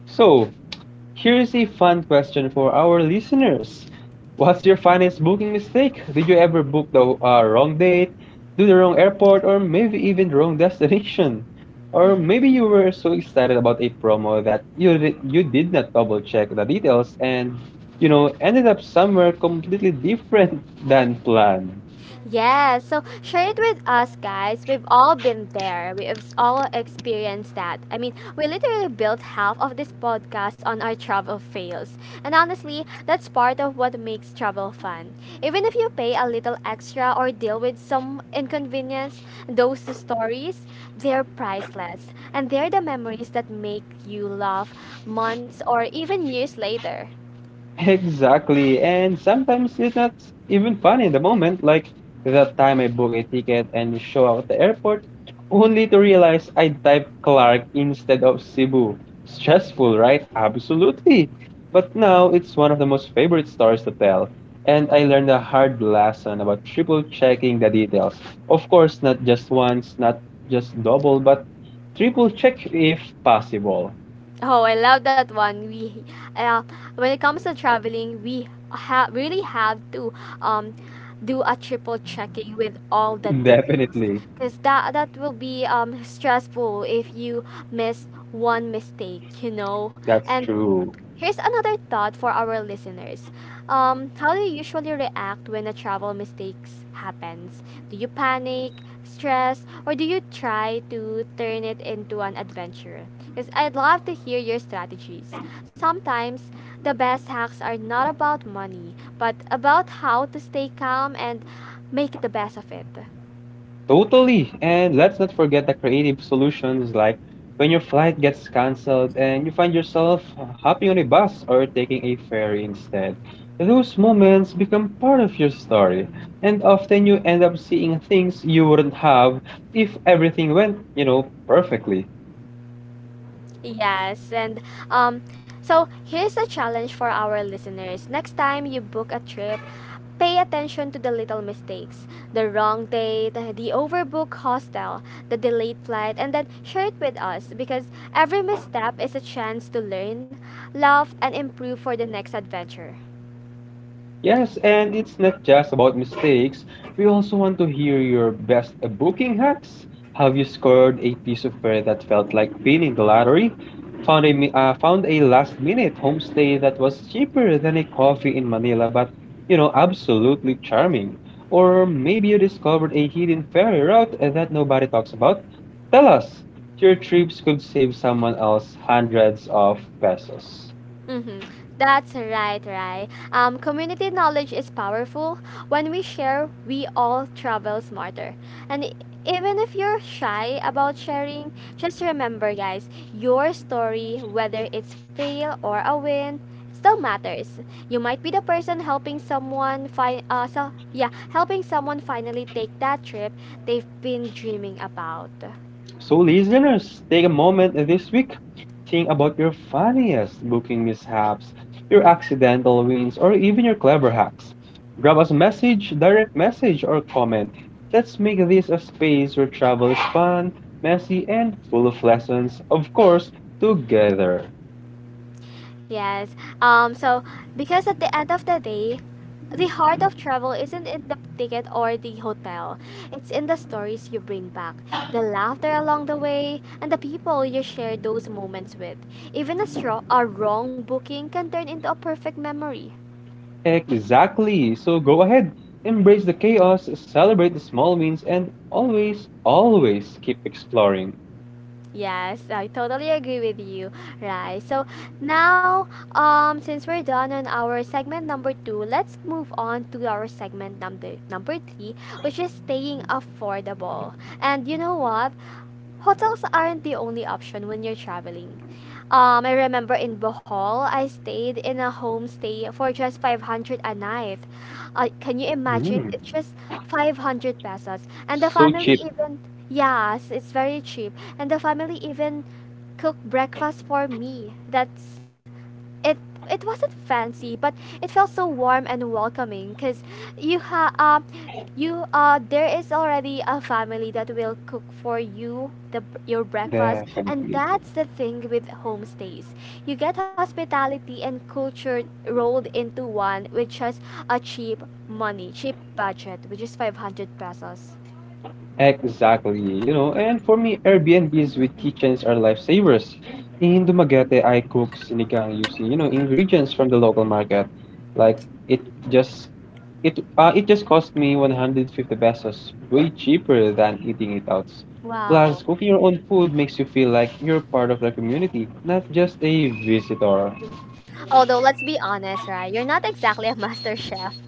Speaker 2: So, here's a fun question for our listeners. What's your funniest booking mistake? Did you ever book the wrong date, do the wrong airport, or maybe even the wrong destination? Or
Speaker 1: *laughs*
Speaker 2: maybe you were so excited about a promo that you did not double check the details and you know ended up somewhere completely different *laughs* than planned.
Speaker 1: Yeah, so share it with us, guys. We've all been there. We've all experienced that. I mean, we literally built half of this podcast on our travel fails. And honestly, that's part of what makes travel fun. Even if you pay a little extra or deal with some inconvenience, those stories, they're priceless. And they're the memories that make you laugh months or even years later.
Speaker 2: Exactly. And sometimes it's not even funny in the moment, like that time I booked a ticket and show up at the airport, only to realize I typed Clark instead of Cebu. Stressful, right? Absolutely. But now it's one of the most favorite stories to tell. And I learned a hard lesson about triple checking the details. Of course, not just once, not just double, but triple check if possible.
Speaker 1: Oh, I love that one. Uh, when it comes to traveling, we really have to, um, do a triple checking with all the
Speaker 2: *laughs*
Speaker 1: details,
Speaker 2: Definitely.
Speaker 1: because that will be stressful if you miss one mistake.
Speaker 2: That's
Speaker 1: And
Speaker 2: true.
Speaker 1: here's another thought for our listeners. How do you usually react when a travel mistakes happens? Do you panic, stress, or do you try to turn it into an adventure? Because I'd love to hear your strategies. Sometimes the best hacks are not about money, but about how to stay calm and make the best of it.
Speaker 2: Totally. And let's not forget the creative solutions like when your flight gets canceled and you find yourself hopping on a bus or taking a ferry instead. Those moments become part of your story, and often you end up seeing things you wouldn't have if everything went, perfectly.
Speaker 1: Yes, and um, so here's a challenge for our listeners. Next time you book a trip, pay attention to the little mistakes, the wrong date, the overbooked hostel, the delayed flight, and then share it with us, because every misstep is a chance to learn, love, and improve for the next adventure.
Speaker 2: Yes, and it's not just about mistakes. We also want to hear your best booking hacks. Have you scored a piece of fare that felt like winning the lottery? Found a last minute homestay that was cheaper than a coffee in Manila, but absolutely charming. Or maybe you discovered a hidden ferry route that nobody talks about. Tell us, your trips could save someone else hundreds of pesos.
Speaker 1: Mm-hmm. That's right, right. Community knowledge is powerful. When we share, we all travel smarter. And even if you're shy about sharing, just remember, guys, your story, whether it's fail or a win, still matters. You might be the person helping someone find so yeah, helping someone finally take that trip they've been dreaming about.
Speaker 2: So, listeners, take a moment this week. Think about your funniest booking mishaps, your accidental wins, or even your clever hacks. Grab us a message, direct message, or comment. Let's make this a space where travel is fun, messy, and full of lessons, of course, together.
Speaker 1: Yes. So because at the end of the day, the heart of travel isn't in the ticket or the hotel. It's in the stories you bring back, the laughter along the way, and the people you share those moments with. Even a wrong booking can turn into a perfect memory.
Speaker 2: Exactly. So go ahead, embrace the chaos, celebrate the small wins, and always, always keep exploring.
Speaker 1: Yes, I totally agree with you. Right. So now, since we're done on our segment number two, let's move on to our segment number three, which is staying affordable. And you know what? Hotels aren't the only option when you're traveling. I remember in Bohol, I stayed in a homestay for just 500 a night. Can you imagine?
Speaker 2: Mm,
Speaker 1: It's just 500 pesos. And the
Speaker 2: so
Speaker 1: family
Speaker 2: cheap,
Speaker 1: even, yes, it's very cheap. And the family even cooked breakfast for me. That's it, it wasn't fancy, but it felt so warm and welcoming because you ha um you there is already a family that will cook for you your breakfast. And
Speaker 2: definitely.
Speaker 1: that's the thing with homestays: you get hospitality and culture rolled into one with just a cheap budget, which is 500 pesos.
Speaker 2: Exactly, you know, and for me, Airbnbs with kitchens are lifesavers. In Dumaguete, I cook sinigang using, ingredients from the local market. Like it just it it just cost me 150 pesos, way cheaper than eating it out. Plus,
Speaker 1: Wow.
Speaker 2: cooking your own food makes you feel like you're part of the community, not just a visitor.
Speaker 1: Although, let's be honest, right, you're not exactly a *laughs* master chef.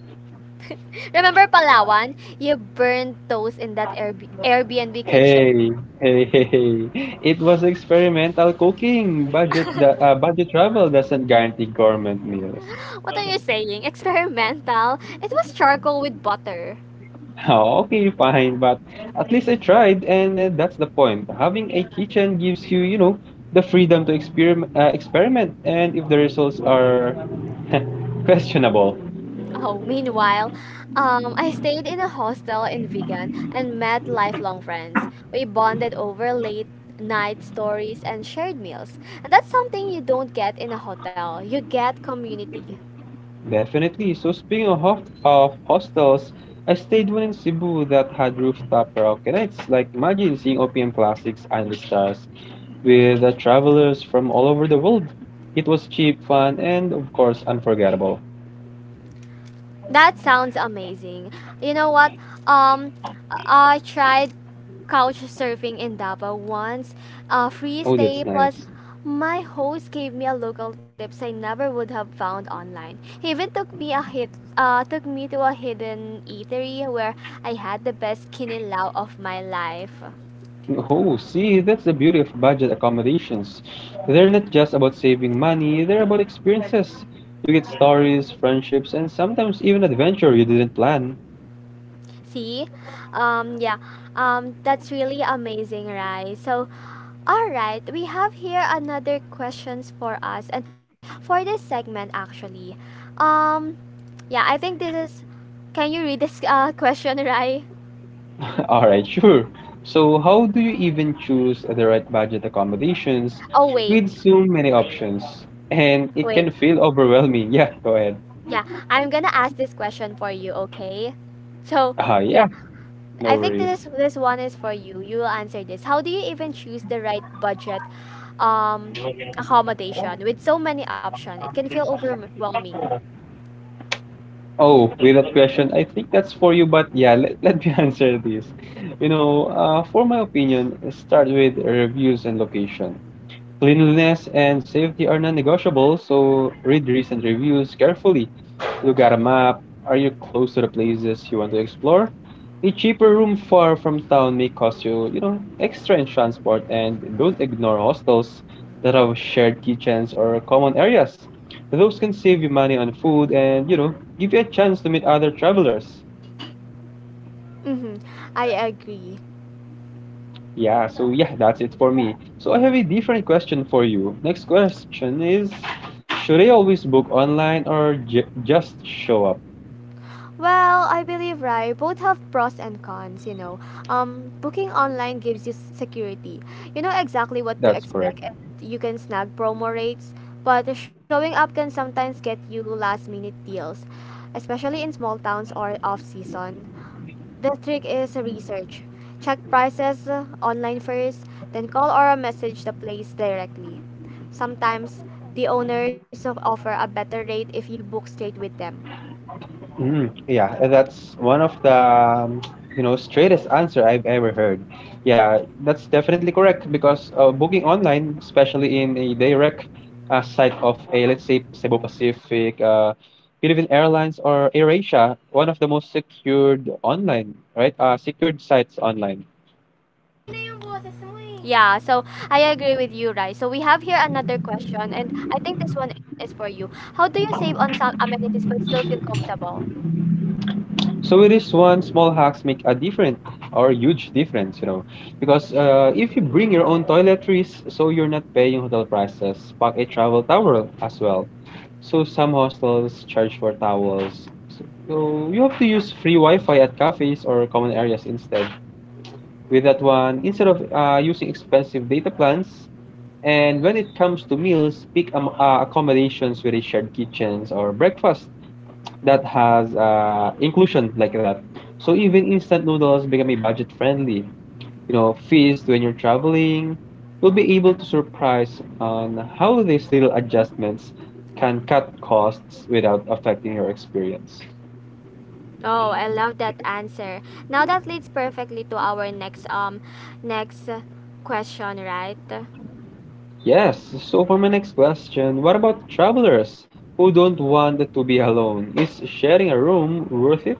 Speaker 1: *laughs* Remember Palawan? You burned toast in that Airbnb kitchen.
Speaker 2: Hey, hey, *laughs* hey. It was experimental cooking.
Speaker 1: *laughs*
Speaker 2: Budget travel doesn't guarantee government meals.
Speaker 1: What are you saying? Experimental? It was charcoal with butter.
Speaker 2: *laughs* Okay, fine, but at least I tried, and that's the point. Having a kitchen gives you, the freedom to experiment, and if the results are *laughs* questionable.
Speaker 1: Oh, meanwhile, I stayed in a hostel in Vigan and met lifelong friends. We bonded over late night stories and shared meals. And that's something you don't get in a hotel. You get community.
Speaker 2: Definitely. So speaking of hostels, I stayed one in Cebu that had rooftop karaoke nights. Like imagine seeing OPM classics and the stars with travelers from all over the world. It was cheap, fun, and of course unforgettable.
Speaker 1: That sounds amazing. You know what? Um, I tried couch surfing in Davao once, a free
Speaker 2: Oh, that's
Speaker 1: stay plus
Speaker 2: nice.
Speaker 1: my host gave me a local tips I never would have found online. He even took me a hit, took me to a hidden eatery where I had the best kinilaw of my life.
Speaker 2: Oh, see, that's the beauty of budget accommodations. They're not just about saving money, they're about experiences. You get stories, friendships, and sometimes even adventure you didn't plan.
Speaker 1: See, yeah, that's really amazing, right? All right, we have here another questions for us and for this segment actually. Um yeah, I think this is Can you read this *laughs* question, Rai?
Speaker 2: *laughs* Alright, sure. So, how do you even choose the right budget accommodations
Speaker 1: Oh, wait.
Speaker 2: with so many options? And
Speaker 1: Wait.
Speaker 2: it can feel overwhelming. *laughs* Yeah, go ahead.
Speaker 1: Yeah, I'm going to ask this question for you, okay? So, yeah,
Speaker 2: Yeah,
Speaker 1: I
Speaker 2: no
Speaker 1: think this
Speaker 2: worries.
Speaker 1: this one is for you. You will answer this. How do you even choose the right budget um accommodation with so many options? It can feel overwhelming.
Speaker 2: Oh, with that question, I think that's for you, but yeah, let me *laughs* answer this. You know, for my opinion, start with reviews and location. Cleanliness and safety are non-negotiable, so read recent reviews carefully. Look at a map. Are you close to the places you want to explore? A cheaper room far from town may cost you, you know, extra in transport and don't ignore hostels that have shared kitchens or common areas. Those can save you money on food and, you know, give you a chance to meet other travelers.
Speaker 1: Mhm. I agree.
Speaker 2: Yeah, that's it for me. So I have a different question for you. Next question is, should I always book online or just show up?
Speaker 1: Well, I believe, right, both have pros and cons, you know. Booking online gives you security. You know exactly what to
Speaker 2: That's correct.
Speaker 1: expect and you can snag promo rates, but showing up can sometimes get you last minute deals, especially in small towns or off season. The trick is research. Check prices online first, then call or message the place directly. Sometimes the offer a better rate if you book straight with them.
Speaker 2: Yeah, and that's one of the you know straightest answer I've ever heard. Yeah, that's definitely correct because booking online, especially in a direct site of a, let's say, Cebu Pacific, Philippine Airlines or AirAsia, one of the most secured online, right? Secured sites online.
Speaker 1: Yeah, so I agree with you, Rai. So we have here another question, and I think this one is for you. How do you save on some amenities but still feel comfortable?
Speaker 2: So with this one, small hacks make a different or huge difference, you know, because if you bring your own toiletries, so you're not paying hotel prices, pack a travel towel as well. So some hostels charge for towels. So you have to use free Wi-Fi at cafes or common areas instead. With that one, instead of using expensive data plans, and when it comes to meals, pick accommodations with a shared kitchens or breakfast that has inclusion like that. So even instant noodles become a budget friendly. You know, feast when you're traveling. You'll be able to surprise on how these little adjustments can cut costs without affecting your experience.
Speaker 1: Oh, I love that answer. Now that leads perfectly to our next question, right?
Speaker 2: Yes, so for my next question, what about travelers who don't want to be alone? Is sharing a room worth it?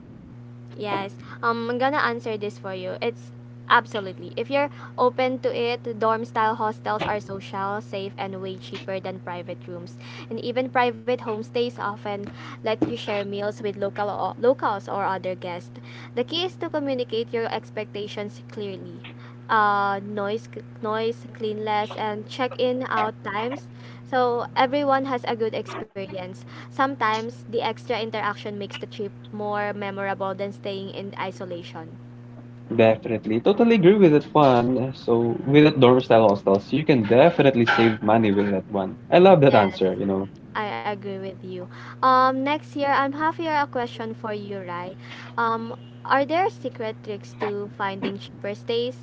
Speaker 1: Yes. I'm gonna answer this for you. It's absolutely. If you're open to it, dorm style hostels are social, safe, and way cheaper than private rooms. And even private homestays often let you share meals with locals or other guests. The key is to communicate your expectations clearly. Uh, noise, noise, cleanliness, and check-in out times, so everyone has a good experience. Sometimes the extra interaction makes the trip more memorable than staying in isolation.
Speaker 2: Definitely. Totally agree with that one. So with that door style hostels, you can definitely save money with that one. I love that
Speaker 1: Yes.
Speaker 2: answer, you know.
Speaker 1: I agree with you. Next year, I'm half here a question for you, Rai. Um, are there secret tricks to finding cheaper stays?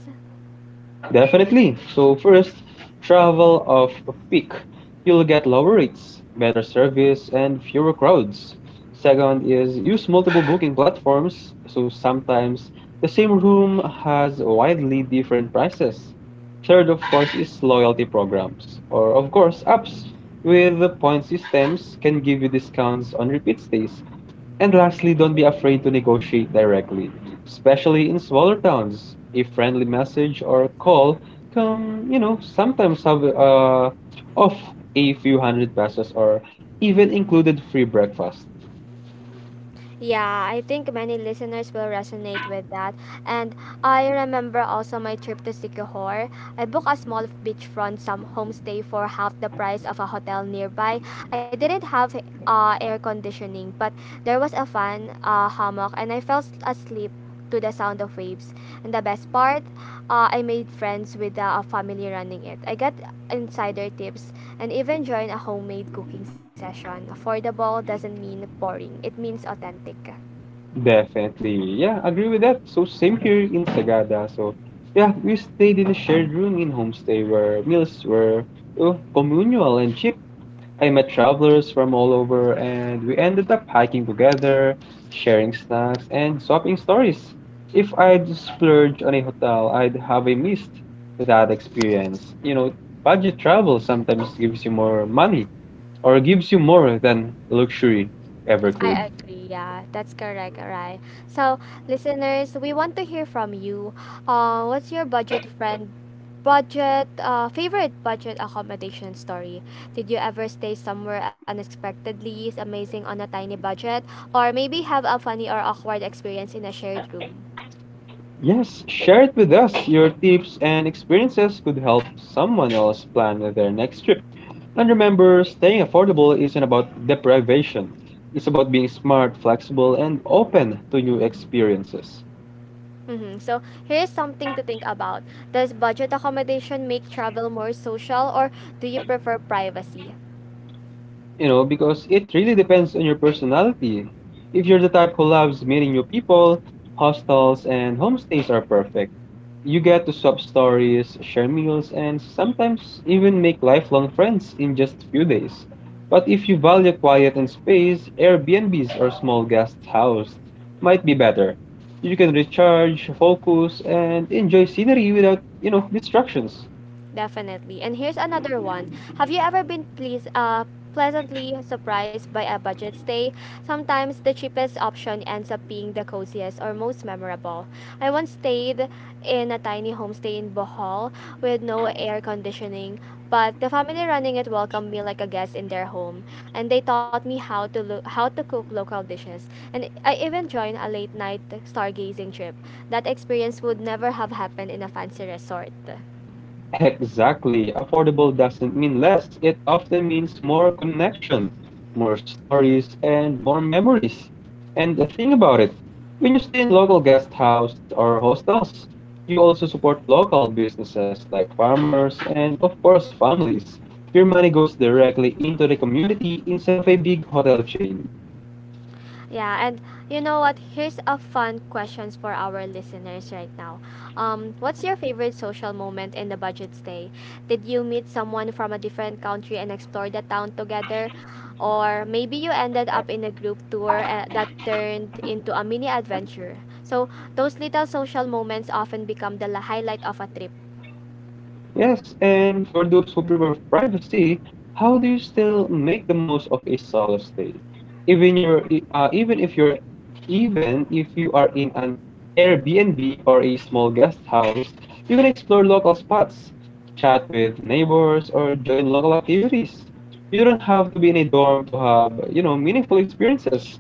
Speaker 2: Definitely. So first, travel off peak. You'll get lower rates, better service, and fewer crowds. Second is use multiple booking platforms. So sometimes the same room has widely different prices. Third, of course, is loyalty programs, or of course, apps with the point systems can give you discounts on repeat stays. And lastly, don't be afraid to negotiate directly, especially in smaller towns. A friendly message or call can, you know, sometimes have off a few hundred pesos or even included free breakfast.
Speaker 1: Yeah, I think many listeners will resonate with that. And I remember also my trip to Sikihor. I booked a small beachfront some homestay for half the price of a hotel nearby. I didn't have air conditioning, but there was a fan hammock, and I fell asleep to the sound of waves. And the best part, I made friends with the family running it. I got insider tips and even join a homemade cooking session. Affordable doesn't mean boring, it means authentic.
Speaker 2: Definitely, yeah, agree with that. So same here in Sagada. So yeah, we stayed in a shared room in homestay where meals were oh, communal and cheap. I met travelers from all over, and we ended up hiking together, sharing snacks, and swapping stories. If I'd splurge on a hotel, I'd have a missed that experience. You know, budget travel sometimes gives you more money or gives you more than luxury ever
Speaker 1: I
Speaker 2: could.
Speaker 1: agree. Yeah, that's correct, Arai. So, listeners, we want to hear from you. What's your budget friend budget favorite budget accommodation story? Did you ever stay somewhere unexpectedly amazing on a tiny budget, or maybe have a funny or awkward experience in a shared room?
Speaker 2: Yes, share it with us. Your tips and experiences could help someone else plan their next trip. And remember, staying affordable isn't about deprivation, it's about being smart, flexible, and open to new experiences.
Speaker 1: Mhm. So, here's something to think about. Does budget accommodation make travel more social, or do you prefer privacy?
Speaker 2: You know, because it really depends on your personality. If you're the type who loves meeting new people, hostels and homestays are perfect. You get to swap stories, share meals, and sometimes even make lifelong friends in just a few days. But if you value quiet and space, Airbnbs or small guest house might be better. You can recharge, focus, and enjoy scenery without, you know, distractions.
Speaker 1: Definitely. And here's another one. Have you ever been pleasantly surprised by a budget stay? Sometimes the cheapest option ends up being the coziest or most memorable. I once stayed in a tiny homestay in Bohol with no air conditioning, but the family running it welcomed me like a guest in their home, and they taught me how to cook local dishes. And I even joined a late night stargazing trip. That experience would never have happened in a fancy resort.
Speaker 2: Exactly. Affordable doesn't mean less. It often means more connection, more stories, and more memories. And the thing about it, when you stay in local guest house or hostels, you also support local businesses like farmers and, of course, families. Your money goes directly into the community instead of a big hotel chain.
Speaker 1: Yeah, and you know what? Here's a fun questions for our listeners right now. What's your favorite social moment in the budget stay? Did you meet someone from a different country and explore the town together? Or maybe you ended up in a group tour that turned into a mini adventure. So, those little social moments often become highlight of a trip.
Speaker 2: Yes, and for those who prefer privacy, how do you still make the most of a solo stay? Even your even if you're even if you are in an Airbnb or a small guest house, you can explore local spots, chat with neighbors, or join local activities. You don't have to be in a dorm to have, you know, meaningful experiences.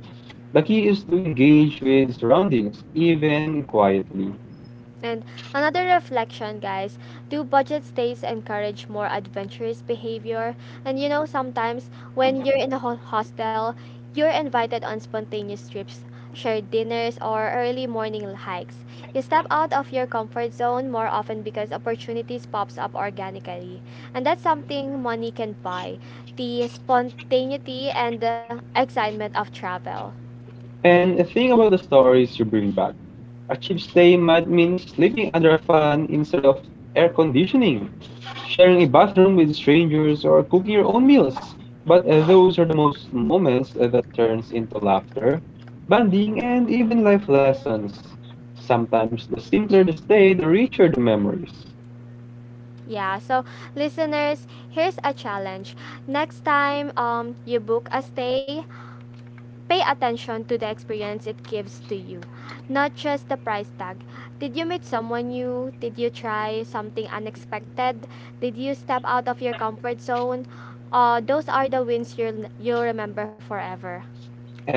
Speaker 2: The key is to engage with surroundings, even quietly.
Speaker 1: And another reflection, guys, do budget stays encourage more adventurous behavior? And you know, sometimes when you're in a hostel, you're invited on spontaneous trips, shared dinners, or early morning hikes. You step out of your comfort zone more often because opportunities pops up organically. And that's something money can buy: the spontaneity and the excitement of travel.
Speaker 2: And the thing about the stories you bring back, a cheap stay might mean sleeping under a fan instead of air conditioning, sharing a bathroom with strangers, or cooking your own meals. But those are the most moments that turns into laughter, bonding, and even life lessons. Sometimes the simpler the stay, the richer the memories.
Speaker 1: Yeah, so listeners, here's a challenge. Next time you book a stay, pay attention to the experience it gives to you, not just the price tag. Did you meet someone new? Did you try something unexpected? Did you step out of your comfort zone? Those are the wins you'll remember forever.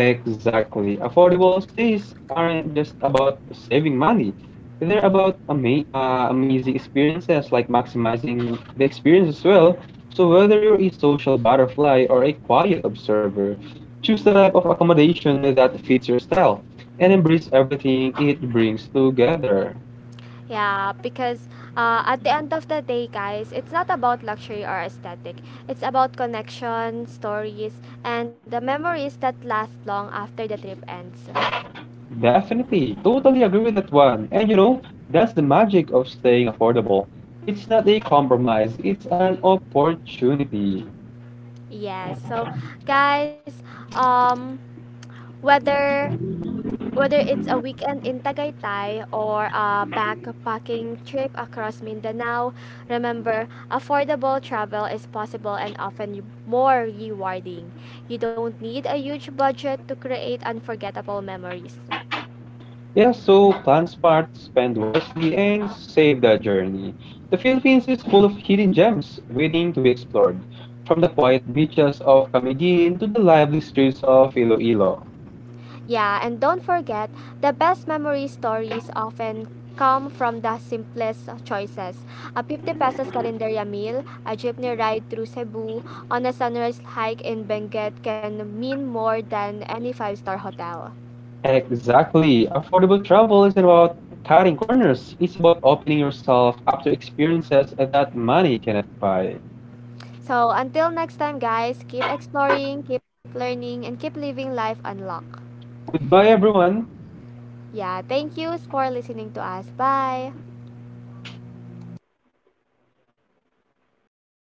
Speaker 2: Exactly. Affordable stays aren't just about saving money. They're about amazing experiences, like maximizing the experience as well. So whether you're a social butterfly or a quiet observer, choose the type of accommodation that fits your style and embrace everything it brings together.
Speaker 1: Yeah, because at the end of the day, guys, it's not about luxury or aesthetic. It's about connection, stories, and the memories that last long after the trip ends.
Speaker 2: Definitely, totally agree with that one. And you know, that's the magic of staying affordable. It's not a compromise, it's an opportunity.
Speaker 1: Yes. So, guys, um whether Whether it's a weekend in Tagaytay or a backpacking trip across Mindanao, remember, affordable travel is possible and often more rewarding. You don't need a huge budget to create unforgettable memories.
Speaker 2: Yeah, so plan smart, spend wisely, and save the journey. The Philippines is full of hidden gems waiting to be explored, from the quiet beaches of Camiguin to the lively streets of Iloilo.
Speaker 1: Yeah, and don't forget, the best memory stories often come from the simplest choices. A 50 pesos calendaria meal, a jeepney ride through Cebu, on a sunrise hike in Benguet can mean more than any five-star hotel.
Speaker 2: Exactly. Affordable travel isn't about cutting corners, it's about opening yourself up to experiences that money cannot buy.
Speaker 1: So, until next time, guys, keep exploring, keep learning, and keep living life unlocked.
Speaker 2: Goodbye, everyone.
Speaker 1: Yeah, thank you for listening to us. Bye!